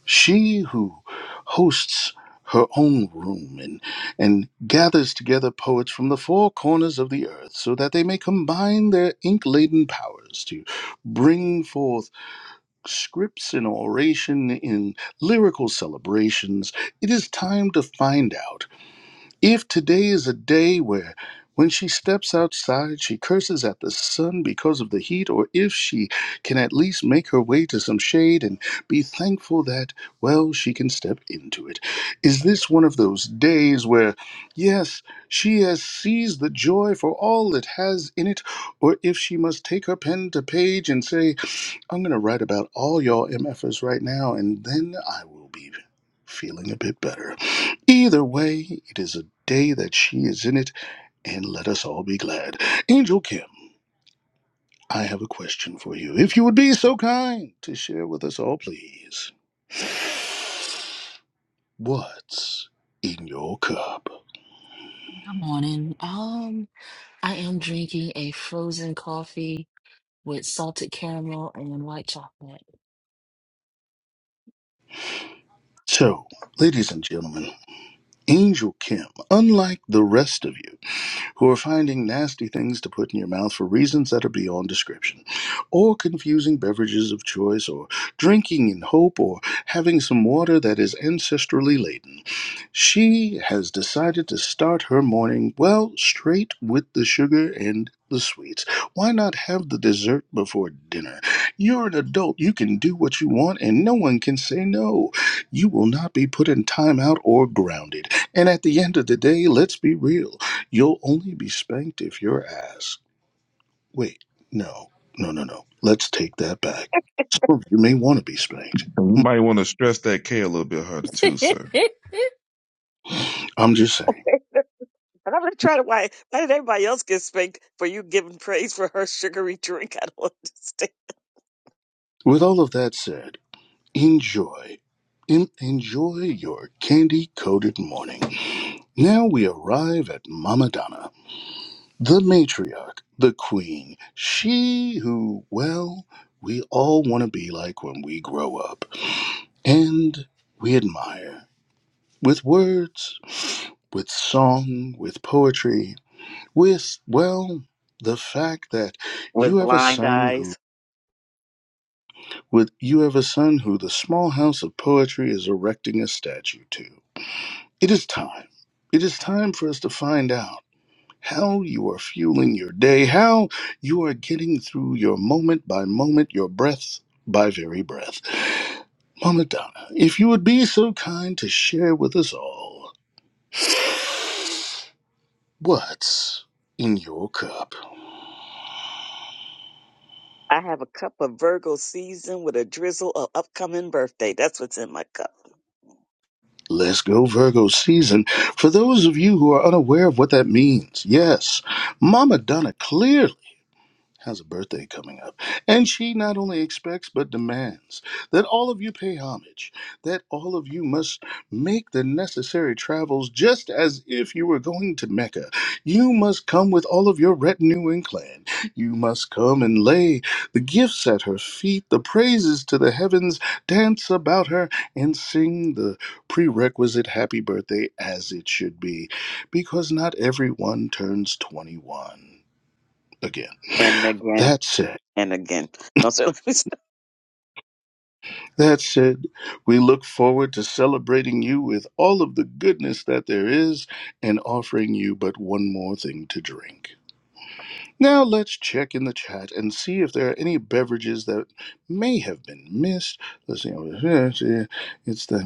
She who hosts her own room and, and gathers together poets from the four corners of the earth so that they may combine their ink laden powers to bring forth scripts and oration in lyrical celebrations, it is time to find out. If today is a day where when she steps outside, she curses at the sun because of the heat, or if she can at least make her way to some shade and be thankful that, well, she can step into it. Is this one of those days where, yes, she has seized the joy for all it has in it, or if she must take her pen to page and say, I'm going to write about all y'all MFers right now, and then I will be feeling a bit better. Either way, it is a day that she is in it, and let us all be glad. Angel Kim, I have a question for you. If you would be so kind to share with us all, please, what's in your cup? Good morning. Um, I am drinking a frozen coffee with salted caramel and white chocolate. So, ladies and gentlemen, Angel Kim, unlike the rest of you, who are finding nasty things to put in your mouth for reasons that are beyond description, or confusing beverages of choice, or drinking in hope, or having some water that is ancestrally laden. She has decided to start her morning, well, straight with the sugar and the sweets. Why not have the dessert before dinner? You're an adult. You can do what you want, and no one can say no. You will not be put in timeout or grounded. And at the end of the day, let's be real. You'll only be spanked if you're asked. Wait, no, no, no, no. Let's take that back. Some of you may want to be spanked. And You might want to stress that K a little bit harder too, sir. I'm just saying. and I'm going to try to why. Why did everybody else get spanked for you giving praise for her sugary drink? I don't understand. With all of that said, Enjoy. En- enjoy your candy coated morning. Now we arrive at Mama Donna, the matriarch, the queen, she who, well, we all want to be like when we grow up. And we admire with words, with song, with poetry, with, well, the fact that With you have a blind son who, eyes, with you have a son who the small house of poetry is erecting a statue to. It is time. It is time for us to find out how you are fueling your day, how you are getting through your moment by moment, your breath by very breath. Mama Donna, if you would be so kind to share with us all what's in your cup. I have a cup of Virgo season with a drizzle of upcoming birthday. That's what's in my cup. Let's go, Virgo season. For those of you who are unaware of what that means, yes, Mama Donna clearly. has a birthday coming up, and she not only expects but demands that all of you pay homage, that all of you must make the necessary travels just as if you were going to Mecca. You must come with all of your retinue and clan. You must come and lay the gifts at her feet, the praises to the heavens, dance about her, and sing the prerequisite happy birthday as it should be, because not everyone turns 21 again. And again. That said, And again, no, so please, that said, we look forward to celebrating you with all of the goodness that there is and offering you but one more thing to drink. Now let's check in the chat and see if there are any beverages that may have been missed. Let's see. It's the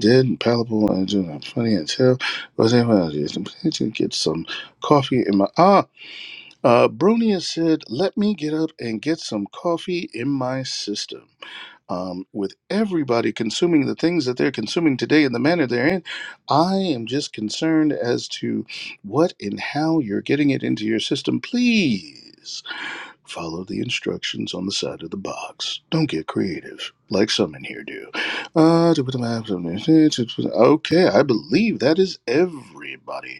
dead and palatable and doing funny and tell. Was anyone else I to get some coffee in my ah? Uh, Bronia said, "Let me get up and get some coffee in my system." um, with everybody consuming the things that they're consuming today in the manner they're in, I am just concerned as to what and how you're getting it into your system. Please follow the instructions on the side of the box. Don't get creative like some in here do. Uh, Okay, I believe that is everybody.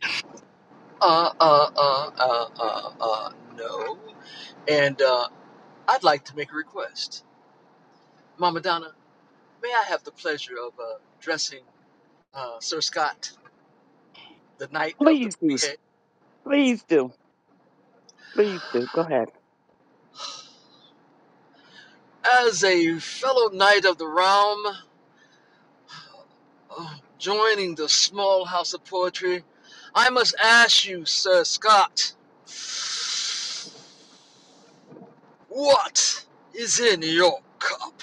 Uh, uh, uh, uh, uh, uh, no. And uh, I'd like to make a request. Mama Donna, may I have the pleasure of uh, dressing uh, Sir Scott the night of the do, party? please do, please do. Go ahead. As a fellow knight of the realm, uh, joining the small house of poetry, I must ask you, Sir Scott, what is in your cup?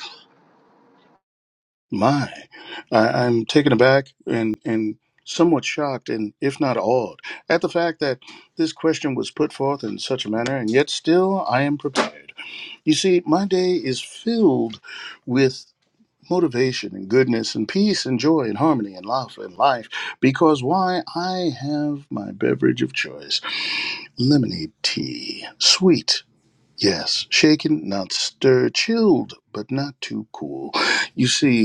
My, I, I'm taken aback and, and somewhat shocked, and if not awed, at the fact that this question was put forth in such a manner, and yet still I am prepared. You see, my day is filled with motivation and goodness and peace and joy and harmony and love and life because why I have my beverage of choice lemonade tea, sweet. Yes, shaken, not stirred, chilled, but not too cool. You see,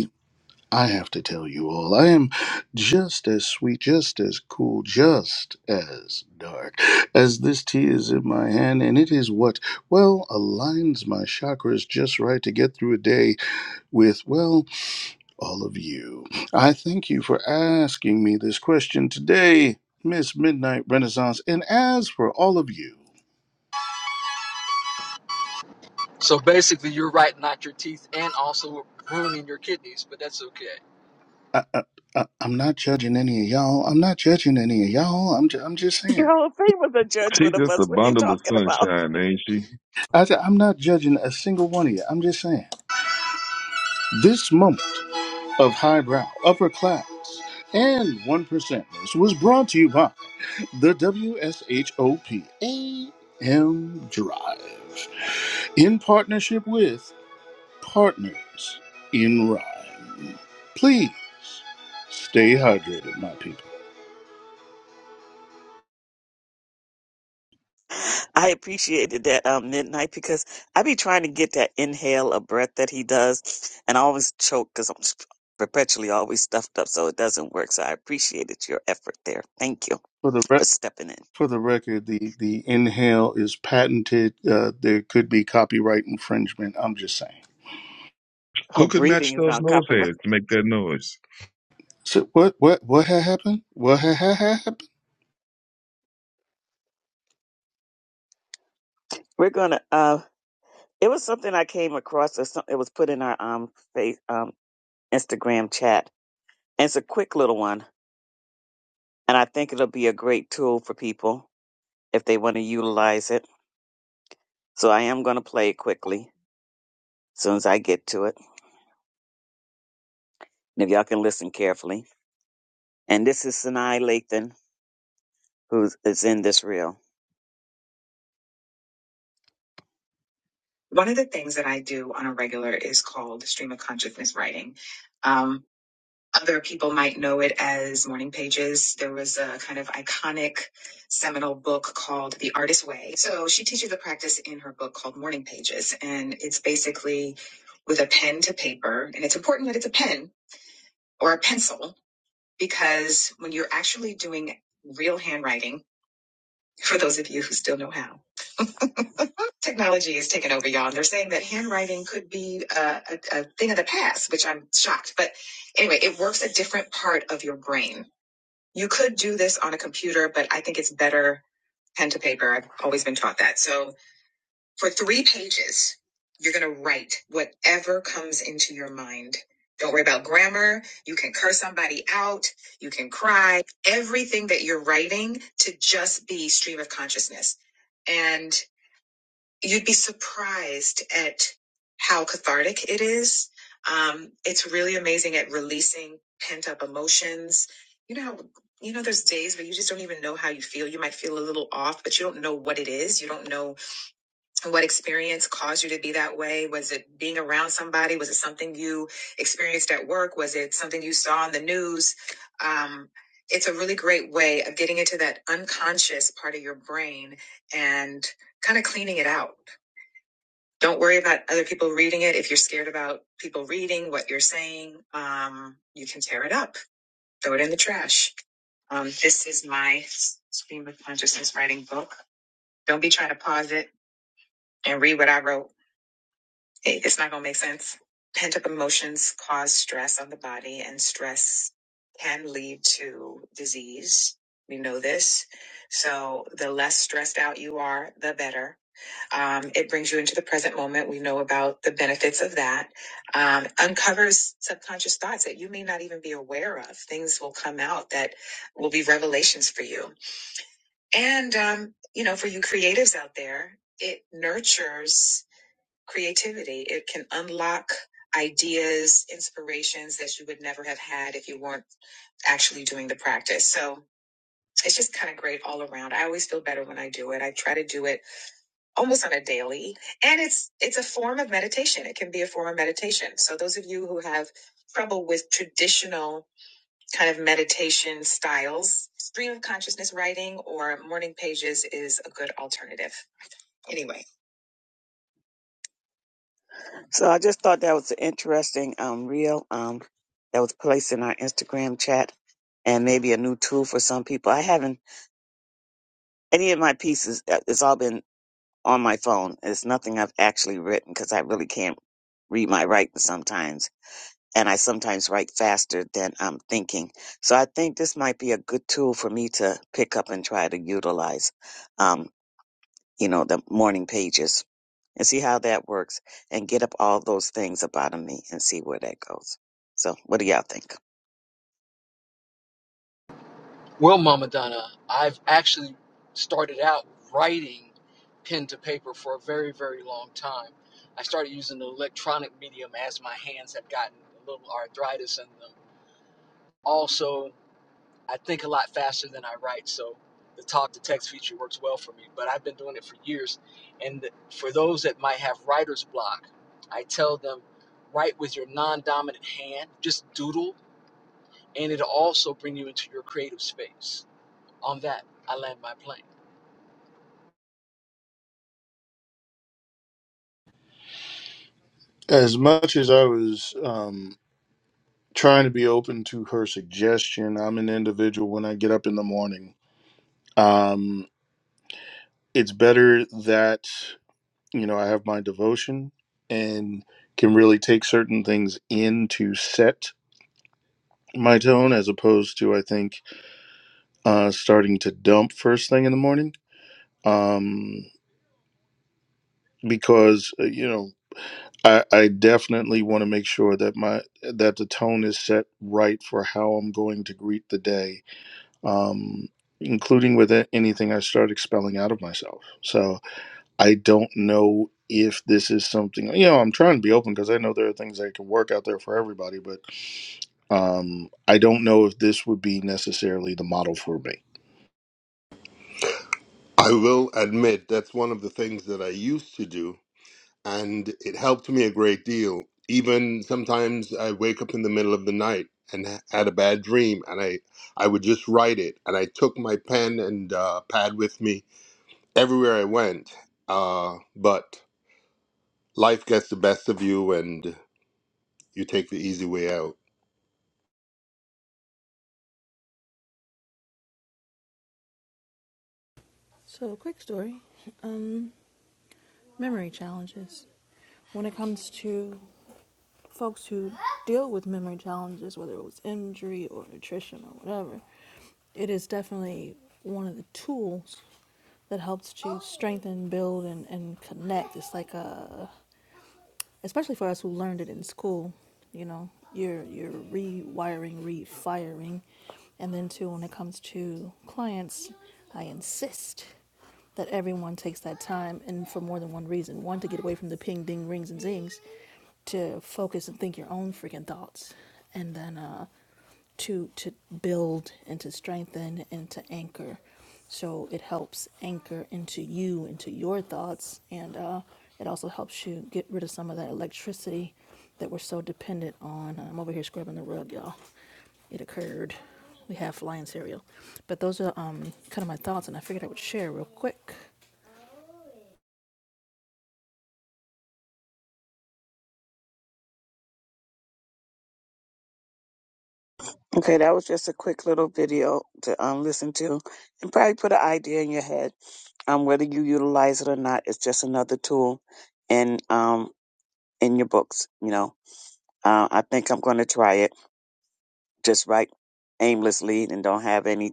I have to tell you all, I am just as sweet, just as cool, just as dark as this tea is in my hand, and it is what, well, aligns my chakras just right to get through a day with, well, all of you. I thank you for asking me this question today, Miss Midnight Renaissance, and as for all of you, So basically, you're writing out your teeth and also ruining your kidneys, but that's okay. I, I, I, I'm not judging any of y'all. I'm not judging any of y'all. I'm, ju- I'm just Your saying. Hall of was a judgment She's of just us. a What are you bundle of talking about? sunshine, ain't she? I, I'm not judging a single one of you. I'm just saying. This moment of highbrow, upper class, and one percenters was brought to you by the W S H O P A M Drive in partnership with Partners in Rhyme. Please stay hydrated, my people. I appreciated that um, midnight because I be trying to get that inhale of breath that he does, and I always choke because I'm sp- perpetually always stuffed up, so it doesn't work. So I appreciated your effort there. Thank you For the for rec- stepping in. for the record, the the inhale is patented. Uh, there could be copyright infringement. I'm just saying. Oh, Who could breathing match is those not nose copper. hairs to make that noise? So what what what ha- happened? What ha- ha- ha- happened? We're gonna. Uh, it was something I came across. Or something, it was put in our um, face, um Instagram chat It's a quick little one, and I think it'll be a great tool for people if they want to utilize it. So I am going to play it quickly as soon as I get to it. And if y'all can listen carefully. And this is Sinai Lathan, who is in this reel. One of the things that I do on a regular is called stream of consciousness writing. Um, Other people might know it as Morning Pages. There was a kind of iconic seminal book called The Artist's Way. So she teaches the practice in her book called Morning Pages. And it's basically with a pen to paper. And it's important that it's a pen or a pencil because when you're actually doing real handwriting, for those of you who still know how, technology is taking over, y'all. And they're saying that handwriting could be a, a, a thing of the past, which I'm shocked. But anyway, it works a different part of your brain. you could do this on a computer, but I think it's better pen to paper. I've always been taught that. So for three pages, you're going to write whatever comes into your mind. Don't worry about grammar. You can curse somebody out. You can cry. Everything that you're writing to just be stream of consciousness. and you'd be surprised at how cathartic it is. Um, it's really amazing at releasing pent up emotions. You know, how, you know, there's days where you just don't even know how you feel. You might feel a little off, but you don't know what it is. You don't know what experience caused you to be that way. Was it being around somebody? Was it something you experienced at work? Was it something you saw on the news? Um, it's a really great way of getting into that unconscious part of your brain and kind of cleaning it out. Don't worry about other people reading it. If you're scared about people reading what you're saying, um, you can tear it up, throw it in the trash. Um, this is my stream of consciousness writing book. Don't be trying to pause it and read what I wrote. It- It's not going to make sense. Pent up emotions cause stress on the body, and stress can lead to disease. We know this. So the less stressed out you are, the better um, it brings you into the present moment. We know about the benefits of that. Um, uncovers subconscious thoughts that you may not even be aware of. Things will come out that will be revelations for you. And, um, you know, for you creatives out there, it nurtures creativity. It can unlock ideas, inspirations that you would never have had if you weren't actually doing the practice. So it's just kind of great all around. I always feel better when I do it. I try to do it almost on a daily and it's it's a form of meditation it can be a form of meditation so those of you who have trouble with traditional kind of meditation styles stream of consciousness writing or morning pages is a good alternative anyway So I just thought that was an interesting um, reel um, that was placed in our Instagram chat and maybe a new tool for some people. I haven't, any of my pieces, uh, it's all been on my phone. It's nothing I've actually written because I really can't read my writing sometimes. And I sometimes write faster than I'm thinking. So I think this might be a good tool for me to pick up and try to utilize, um, you know, the morning pages and see how that works and get up all those things about me and see where that goes. So what do y'all think? Well, Mama Donna, I've actually started out writing pen to paper for a very, very long time. I started using the electronic medium as my hands have gotten a little arthritis in them Also, I think a lot faster than I write, so the talk to text feature works well for me. But I've been doing it for years, and for those that might have writer's block, I tell them write with your non-dominant hand, just doodle, and it'll also bring you into your creative space. On that, I land my plane. as much as I was um, trying to be open to her suggestion, I'm an individual when I get up in the morning. Um, it's better that, you know, I have my devotion and can really take certain things in to set my tone as opposed to, I think, uh, starting to dump first thing in the morning. Um, because, uh, you know, I, I definitely want to make sure that my that the tone is set right for how I'm going to greet the day um, including with a- anything I start expelling out of myself. So I don't know if this is something, you know, I'm trying to be open because I know there are things that can work out there for everybody, but um, I don't know if this would be necessarily the model for me. I will admit that's one of the things that I used to do, and it helped me a great deal. Even sometimes I wake up in the middle of the night and ha- had a bad dream, and I, I would just write it. And I took my pen and uh, pad with me everywhere I went. Uh, but life gets the best of you, and you take the easy way out. So, quick story um, memory challenges. When it comes to folks who deal with memory challenges, whether it was injury or nutrition or whatever, it is definitely one of the tools that helps to strengthen, build, and, and connect. It's like a especially for us who learned it in school you know you're you're rewiring refiring and then too when it comes to clients i insist that everyone takes that time and for more than one reason one to get away from the ping ding rings and zings to focus and think your own freaking thoughts and then uh to to build and to strengthen and to anchor. So it helps anchor into you, into your thoughts, and uh, it also helps you get rid of some of that electricity that we're so dependent on. I'm over here scrubbing the rug, y'all. It occurred. We have flying cereal, but those are um, kind of my thoughts, and I figured I would share real quick. Okay, that was just a quick little video to um, listen to and probably put an idea in your head. Um, whether you utilize it or not, it's just another tool in um in your books. You know, uh, I think I'm going to try it. Just write aimlessly and don't have any.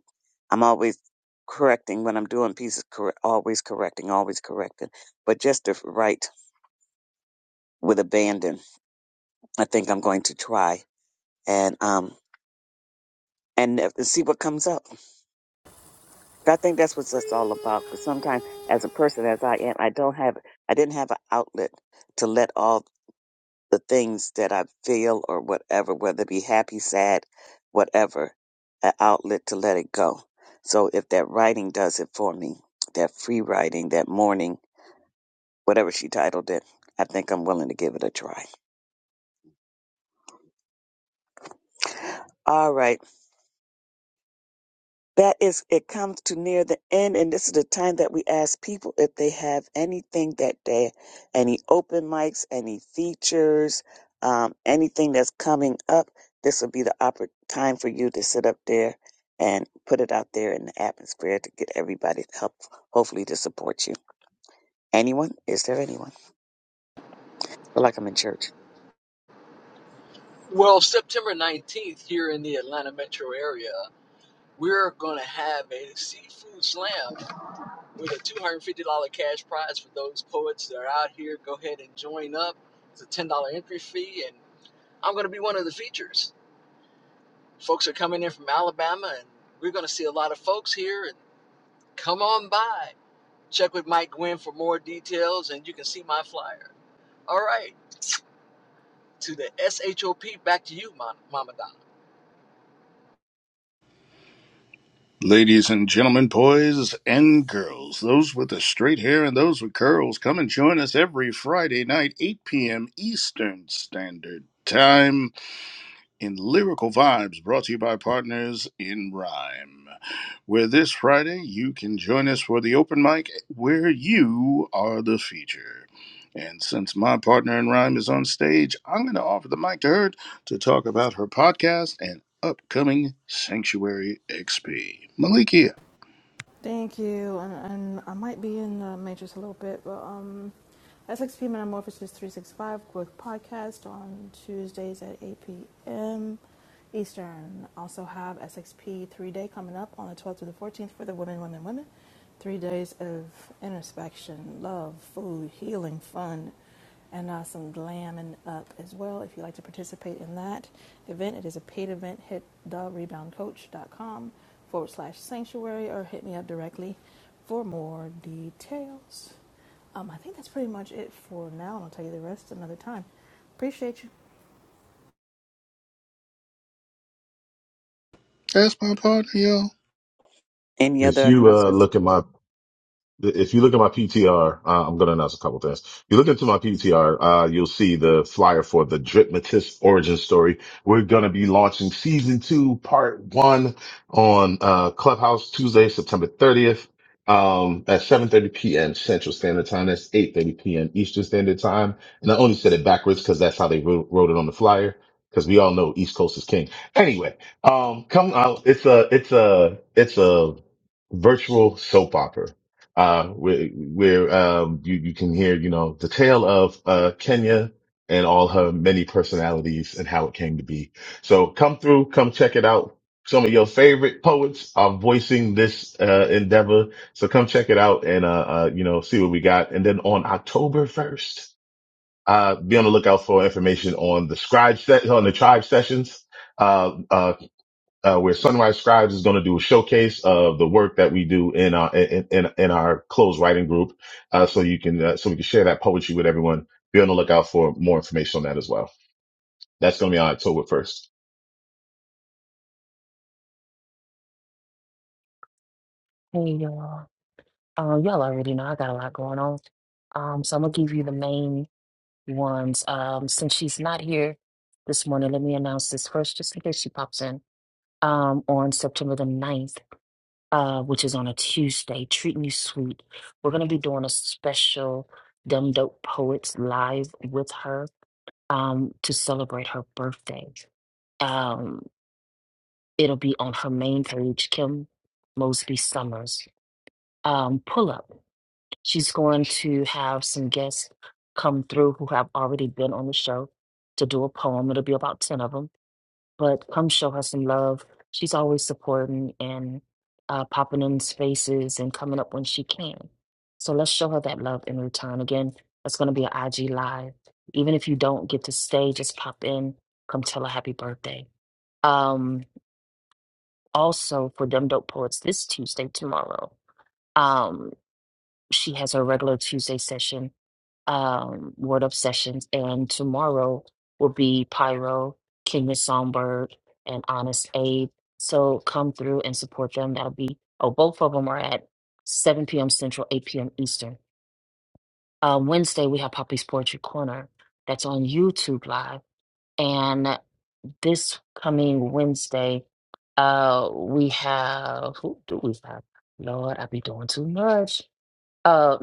I'm always correcting when I'm doing pieces. Corre- always correcting, always correcting. But just to write with abandon, I think I'm going to try and um and uh, see what comes up. I think that's what that's all about. Because sometimes, as a person as I am, I don't have, I didn't have an outlet to let all the things that I feel or whatever, whether it be happy, sad, whatever, an outlet to let it go. So if that writing does it for me, that free writing, that morning, whatever she titled it, I think I'm willing to give it a try. All right. that is it comes to near the end and this is the time that we ask people if they have anything that they any open mics any features um, anything that's coming up this would be the oppor- time for you to sit up there and put it out there in the atmosphere to get everybody to help hopefully to support you anyone is there anyone feel like i'm in church Well, September 19th here in the Atlanta metro area, we're going to have a seafood slam with a two hundred fifty dollar cash prize for those poets that are out here. Go ahead and join up. It's a ten dollar entry fee, and I'm going to be one of the features. Folks are coming in from Alabama, and we're going to see a lot of folks here. And come on by. Check with Mike Gwynn for more details, and you can see my flyer. All right, to the SHOP. Back to you, Mama Donna. Ladies and gentlemen, boys and girls, those with the straight hair and those with curls, come and join us every Friday night, 8 p.m. Eastern Standard Time in Lyrical Vibes, brought to you by Partners in Rhyme, where this Friday you can join us for the open mic where you are the feature. And since my partner in Rhyme is on stage, I'm going to offer the mic to her to talk about her podcast and upcoming Sanctuary XP. Malikia, Thank you, and, and I might be in the matrix a little bit, but um, SXP Metamorphosis 365 Growth Podcast on Tuesdays at 8 p.m. Eastern. Also have SXP 3-Day coming up on the 12th to the 14th for the women, women, women. Three days of introspection, love, food, healing, fun and uh, some glamming up as well. If you'd like to participate in that event, it is a paid event. Hit thereboundcoach.com forward slash sanctuary or hit me up directly for more details. Um, I think that's pretty much it for now, and I'll tell you the rest another time. Appreciate you. that's my partner, yo. any if other you uh, announcements? look at my if you look at my PTR, uh, I'm going to announce a couple things. If you look into my PTR, uh, you'll see the flyer for the Dritmatist origin story. We're going to be launching season two, part one on, uh, Clubhouse Tuesday, September 30th. Um, at 7.30 p.m. Central Standard Time. That's 8.30 p.m. Eastern Standard Time. And I only said it backwards because that's how they wrote, wrote it on the flyer. Cause we all know East Coast is king. Anyway, um, come out. It's a, it's a, it's a virtual soap opera uh, where, where um, you, you can hear, you know, the tale of uh, Kenya and all her many personalities and how it came to be. So come through, come check it out. Some of your favorite poets are voicing this uh, endeavor. So come check it out and, uh, uh, you know, see what we got. And then on October 1st, uh, be on the lookout for information on the scribe set, on the tribe sessions. Uh, uh, uh, where Sunrise Scribes is going to do a showcase of the work that we do in our in in, in our closed writing group, uh, so you can uh, so we can share that poetry with everyone. Be on the lookout for more information on that as well. That's going to be on October first. Hey y'all. Um, y'all already know I got a lot going on. Um, so I'm gonna give you the main ones. Um, since she's not here this morning, let me announce this first just in case she pops in. Um, on September the ninth, uh, which is on a Tuesday, Treat Me Sweet. We're gonna be doing a special Dumb Dope Poets live with her um to celebrate her birthday. Um, it'll be on her main page, Kim Mosby Summers. Um, pull up. She's going to have some guests come through who have already been on the show to do a poem. It'll be about 10 of them, but come show her some love. She's always supporting and uh, popping in spaces and coming up when she can. So let's show her that love in return. Again, that's going to be an IG live. Even if you don't get to stay, just pop in, come tell her happy birthday. Um, also for Dumb Dope Poets this Tuesday, tomorrow. Um, she has her regular Tuesday session, um, Word Up Sessions, and tomorrow will be Pyro, Kenya Songbird, and Honest Aid. So come through and support them. That'll be, oh, both of them are at 7 p.m. Central, 8 p.m. Eastern. Uh, Wednesday, we have Poppy's Poetry Corner. That's on YouTube Live. and this coming Wednesday, uh, we have who do we have? Lord, I be doing too much. Uh,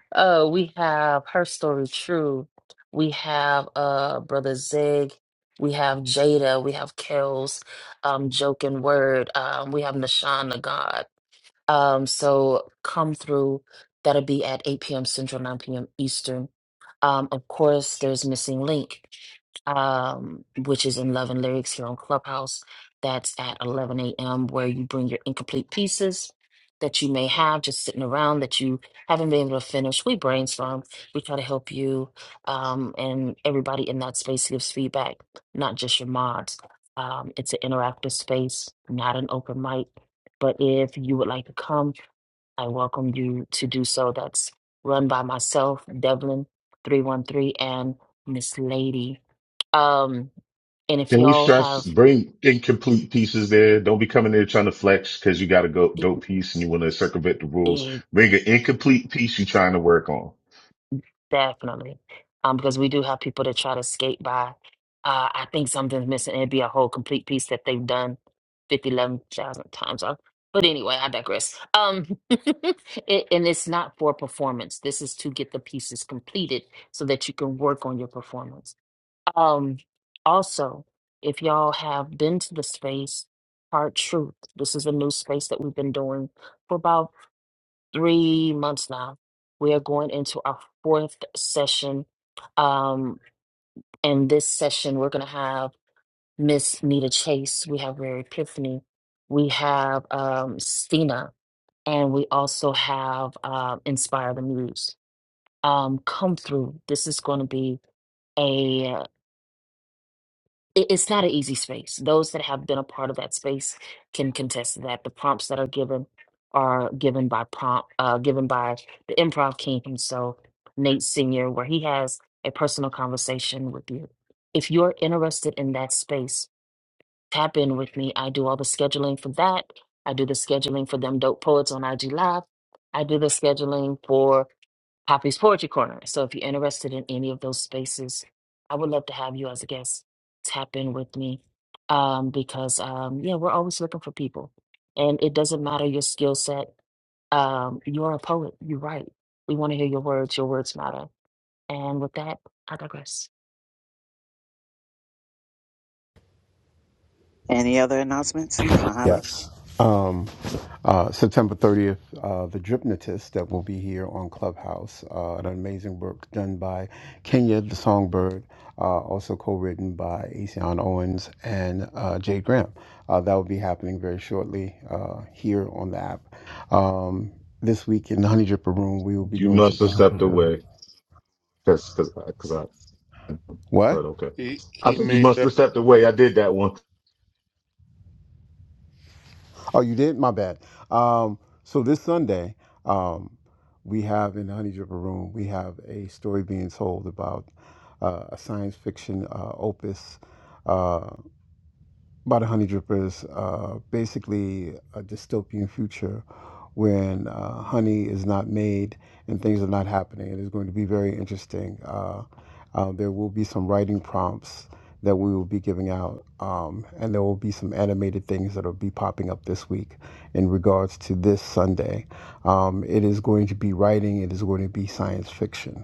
uh, we have her story true. We have uh brother Zig. We have Jada. We have Kels. Um, joking word. Um, we have Nashawn the God. Um, so come through. That'll be at 8 p.m. Central, 9 p.m. Eastern um, of course, there's Missing Link, um, which is in Love and Lyrics here on Clubhouse. That's at 11 a.m., where you bring your incomplete pieces that you may have just sitting around that you haven't been able to finish. We brainstorm, we try to help you, um, and everybody in that space gives feedback, not just your mods. Um, it's an interactive space, not an open mic. But if you would like to come, I welcome you to do so. That's run by myself, Devlin 313, and Miss Lady. Um, and if Can we y'all stress have, bring incomplete pieces there? Don't be coming there trying to flex because you got a go, eh, dope piece and you want to circumvent the rules. eh, Bring an incomplete piece you're trying to work on. definitely, um, because we do have people that try to skate by. Uh, I think something's missing. It'd be a whole complete piece that they've done 50 11,000 times. off. But anyway, I digress. Um, it, and it's not for performance. This is to get the pieces completed so that you can work on your performance. Um, also, if y'all have been to the space, Hard Truth, this is a new space that we've been doing for about three months now. We are going into our fourth session. Um, and this session, we're going to have Miss Nita Chase, we have Rare Epiphany, we have um, Stina, and we also have uh, Inspire the Muse. Um, come through. This is going to be it- it's not an easy space. Those that have been a part of that space can contest that. The prompts that are given are given by prompt, uh, given by the improv king himself, Nate Senior, where he has a personal conversation with you. If you're interested in that space, tap in with me. I do all the scheduling for that. I do the scheduling for them dope poets on IG Live. I do the scheduling for Poppy's Poetry Corner. So if you're interested in any of those spaces, I would love to have you as a guest. Tap in with me um, because, um, yeah, we're always looking for people. And it doesn't matter your skill set. Um, you're a poet. You write. We want to hear your words. Your words matter. And with that, I digress. Any other announcements, Mojave? Yes. Um, uh, September 30th, uh, The Drypnotist that will be here on Clubhouse, uh, an amazing work done by Kenya the Songbird, uh, also co written by Asian Owens and uh, Jay Graham. Uh, that will be happening very shortly uh, here on the app. Um, this week in the Honey Dripper Room, we will be You doing must something. have stepped away because because because I What? but okay. He I he said you made must that have stepped away. I did that one. Oh, you did? My bad. Um, so this Sunday, um, we have in the Honey Dripper Room, we have a story being told about uh, a science fiction uh, opus. uh, by the Honey Drippers, uh, basically a dystopian future when uh, honey is not made and things are not happening. It is going to be very interesting. Uh, uh, there will be some writing prompts that we will be giving out, um, and there will be some animated things that will be popping up this week in regards to this Sunday. Um, it is going to be writing, it is going to be science fiction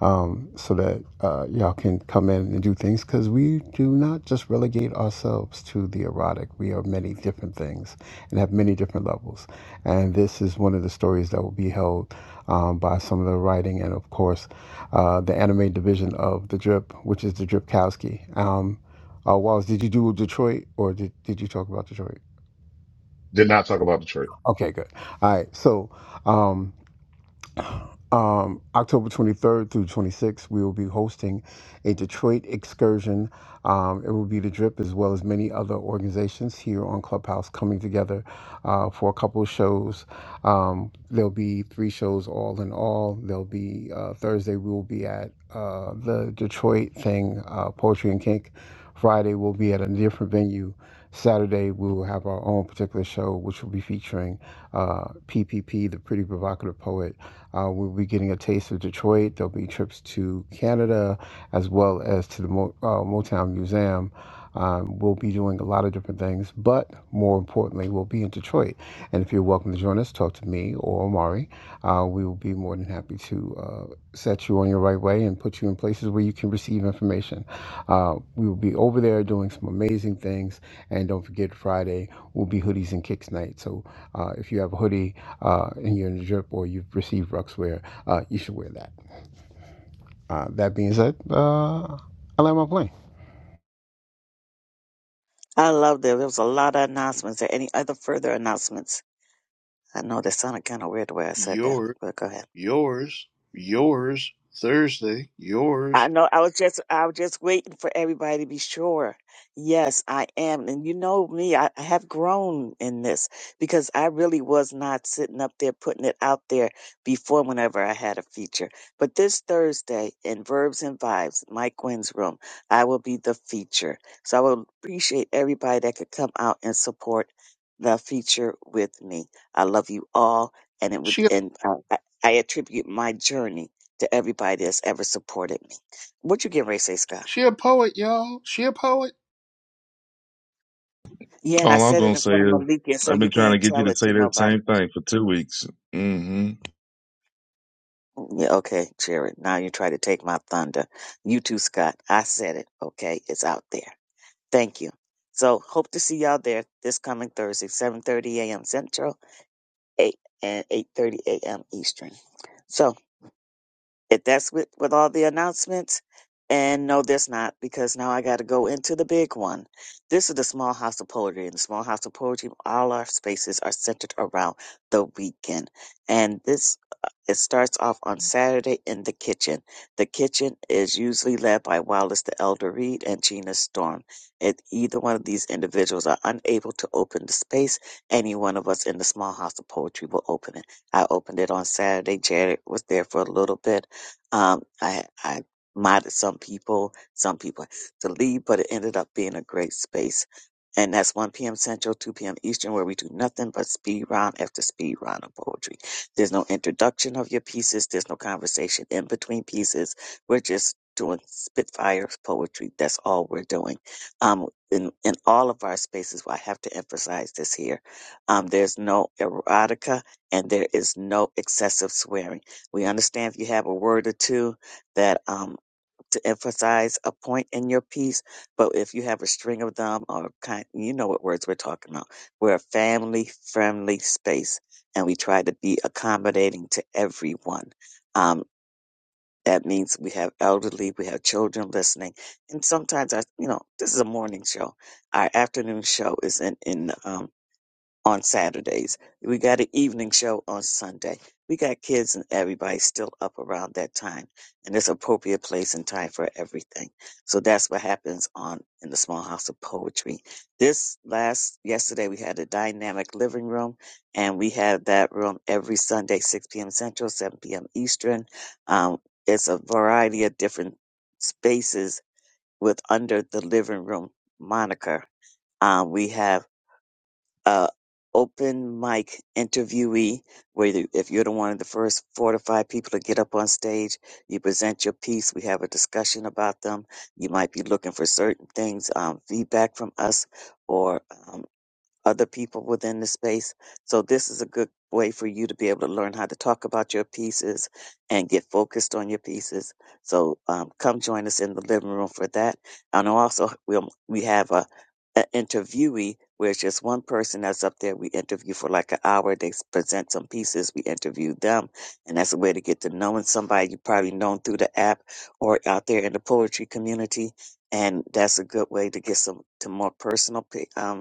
um, so that uh, y'all can come in and do things because we do not just relegate ourselves to the erotic. We are many different things and have many different levels. And this is one of the stories that will be held um, by some of the writing and, of course, uh, the anime division of The Drip, which is The Drip Kowski. Um, uh, Wallace, did you do Detroit or did, did you talk about Detroit? Did not talk about Detroit. Okay, good. All right. So, um, um, October 23rd through 26th, we will be hosting. a Detroit excursion. Um, it will be the Drip as well as many other organizations here on Clubhouse coming together uh, for a couple of shows. Um, there'll be three shows all in all. There'll be uh, Thursday, we will be at uh, the Detroit thing, uh, Poetry and Kink. Friday, we'll be at a different venue. Saturday, we will have our own particular show, which will be featuring uh, PPP, the Pretty Provocative Poet. Uh, we'll be getting a taste of Detroit. There'll be trips to Canada, as well as to the Mo- uh, Motown Museum. Um, we'll be doing a lot of different things, but more importantly, we'll be in Detroit. And if you're welcome to join us, talk to me or Omari. Uh, we will be more than happy to uh, set you on your right way and put you in places where you can receive information. Uh, we will be over there doing some amazing things. And don't forget, Friday will be hoodies and kicks night. So uh, if you have a hoodie uh, and you're in the drip or you've received Ruxwear, uh, you should wear that. Uh, that being said, uh, I land my plane. I loved it. There was a lot of announcements. Are any other further announcements? I know that sounded kind of weird the way I said that, Your, but go ahead. yours, yours, Thursday, I yours. know. I was just, I was just waiting for everybody to be sure. Yes, I am, and you know me. I, I have grown in this because I really was not sitting up there putting it out there before. Whenever I had a feature, but this Thursday in Verbs and Vibes, Mike Wynn's room, I will be the feature. So I would appreciate everybody that could come out and support the feature with me. I love you all, and it would, She, a, and uh, I, I attribute my journey to everybody that's ever supported me. What you get ready to say, Scott? she a poet, y'all. She a poet. Yeah, and I All I'm said it gonna in say front of is, Malika, so I've you been trying to can't get you tell to it to say that nobody. same thing for two weeks. hmm Yeah, okay, Jared. Now you try to take my thunder. You too, Scott. I said it. Okay, it's out there. Thank you. So hope to see y'all there this coming Thursday, 7:30 a.m. Central, 8 and 8:30 a.m. Eastern. So if that's with with all the announcements and no that's not because now i got to go into the big one this is the small house of poetry and the small house of poetry all our spaces are centered around the weekend and this uh, it starts off on saturday in the kitchen the kitchen is usually led by wallace the elder reed and gina storm if either one of these individuals are unable to open the space any one of us in the small house of poetry will open it i opened it on saturday jared was there for a little bit um, I, I modded some people, some people to leave, but it ended up being a great space. And that's 1 p.m. Central, 2 p.m. Eastern, where we do nothing but speed round after speed round of poetry. There's no introduction of your pieces. There's no conversation in between pieces. We're just doing spitfire poetry. That's all we're doing. Um, in, in all of our spaces, well, I have to emphasize this here. Um, there's no erotica and there is no excessive swearing we understand if you have a word or two that um, to emphasize a point in your piece, but if you have a string of them or kind, you know what words we're talking about. We're a family friendly space, and we try to be accommodating to everyone. Um, that means we have elderly, we have children listening, and sometimes I, you know, this is a morning show. Our afternoon show is in in um, on Saturdays. We got an evening show on Sunday. We got kids and everybody still up around that time, and it's appropriate place and time for everything. So that's what happens on in the Small House of Poetry. This last yesterday we had a dynamic living room, and we have that room every Sunday, 6 p.m. Central, 7 p.m. Eastern. Um, it's a variety of different spaces with under the living room moniker. Um, we have uh, open mic interviewee, where you, if you're the one of the first four to five people to get up on stage, you present your piece. We have a discussion about them. You might be looking for certain things, um, feedback from us, or um, other people within the space. So this is a good way for you to be able to learn how to talk about your pieces and get focused on your pieces. So um, come join us in the living room for that. And also we we have a, a interviewee where it's just one person that's up there. We interview for like an hour. They s- present some pieces. We interview them, and that's a way to get to knowing somebody you probably known through the app or out there in the poetry community. And that's a good way to get some to more personal pi- um,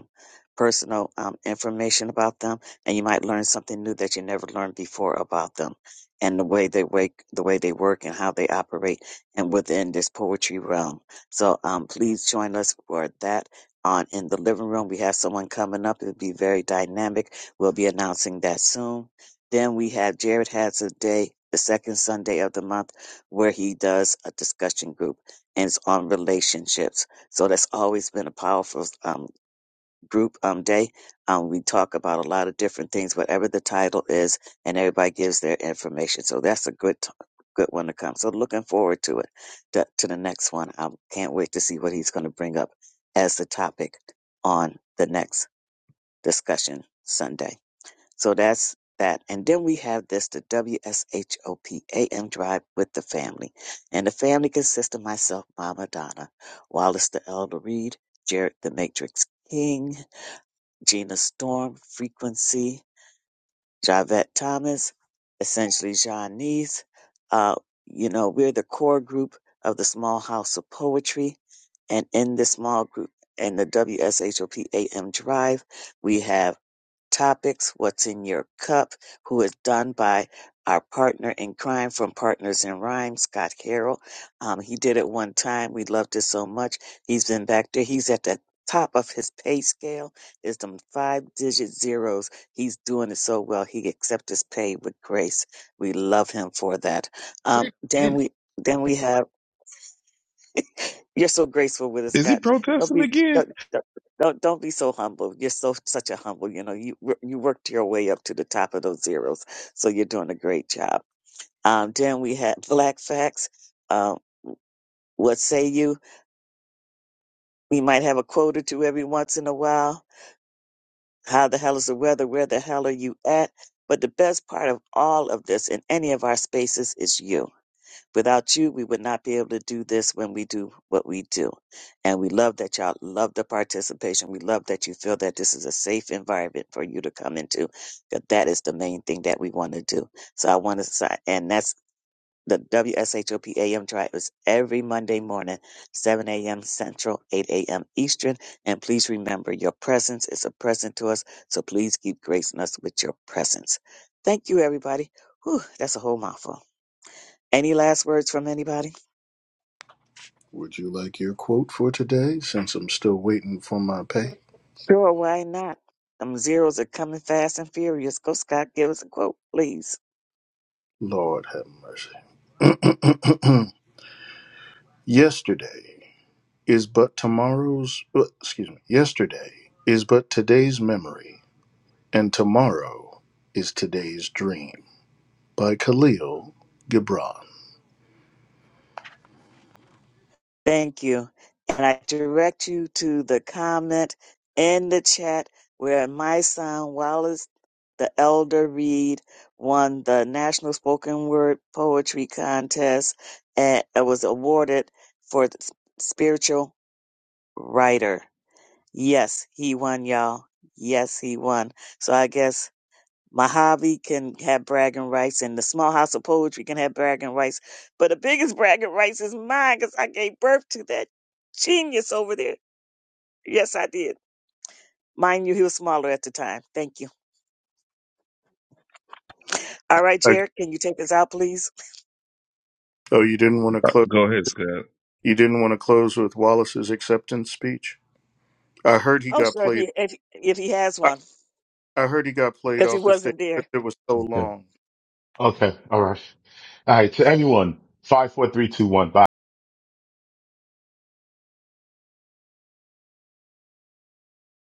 personal um, information about them, and you might learn something new that you never learned before about them, and the way they wake, the way they work, and how they operate, and within this poetry realm. So um, please join us for that. On in the living room, we have someone coming up. It'll be very dynamic. We'll be announcing that soon. Then we have Jared has a day, the second Sunday of the month, where he does a discussion group, and it's on relationships. So that's always been a powerful um group um, day. Um, we talk about a lot of different things, whatever the title is, and everybody gives their information. So that's a good t- good one to come. So looking forward to it to, to the next one. I can't wait to see what he's going to bring up as the topic on the next discussion Sunday. So that's that. And then we have this the W S H O P A M drive with the family. And the family consists of myself, Mama Donna, Wallace the Elder Reed, Jared the Matrix King, Gina Storm, Frequency, Javette Thomas, essentially Janice. Uh, you know, we're the core group of the Small House of Poetry. And in this small group in the W S H O P A M Drive, we have topics What's in Your Cup, who is done by our partner in crime from Partners in Rhyme, Scott Harrell. Um, he did it one time. We loved it so much. He's been back there. He's at the top of his pay scale. It's them five digit zeros. He's doing it so well. He accepts his pay with grace. We love him for that. Um, Wait a then minute. we then we have you're so graceful with us, Is he God. Don't protesting be again? don't, don't don't don't be so humble. You're so such a humble. You know, you wor- you worked your way up to the top of those zeros, so you're doing a great job. Um, then we had Black Facts. Um, what say you? We might have a quote or two every once in a while. How the hell is the weather? Where the hell are you at? But the best part of all of this in any of our spaces is you Without you, we would not be able to do this when we do what we do. And we love that y'all love the participation. We love that you feel that this is a safe environment for you to come into. Because that is the main thing that we want to do. So I want to sign, and that's the W S H O P A M AM tribe is every Monday morning, 7 a.m. Central, 8 a.m. Eastern. And please remember your presence is a present to us. So please keep gracing us with your presence. Thank you, everybody. Whew, that's a whole mouthful. Any last words from anybody? Would you like your quote for today since I'm still waiting for my pay? Sure, why not? Them zeros are coming fast and furious. Go, Scott, give us a quote, please. Lord have mercy. yesterday is but tomorrow's, uh, excuse me, yesterday is but today's memory, and tomorrow is today's dream by Khalil Gibran. Thank you. And I direct you to the comment in the chat where my son, Wallace the Elder Reed, won the National Spoken Word Poetry Contest and was awarded for the s- Spiritual Writer. Yes, he won, y'all. Yes, he won. So I guess Mojave can have bragging rights and the small house of poetry can have bragging rights. But the biggest bragging rights is mine because I gave birth to that genius over there. Yes, I did. Mind you, he was smaller at the time. Thank you. All right, I, Jared, can you take us out, please? oh, you didn't want to Uh, close. Go ahead, Scott. You didn't want to close with Wallace's acceptance speech. I heard he Oh, got sure. If played. he, if, if he has I, one. I heard he got played because he off the stage wasn't there. because it was so Okay. long. Okay. All right. All right. To anyone, five, four, three, two, one. Bye.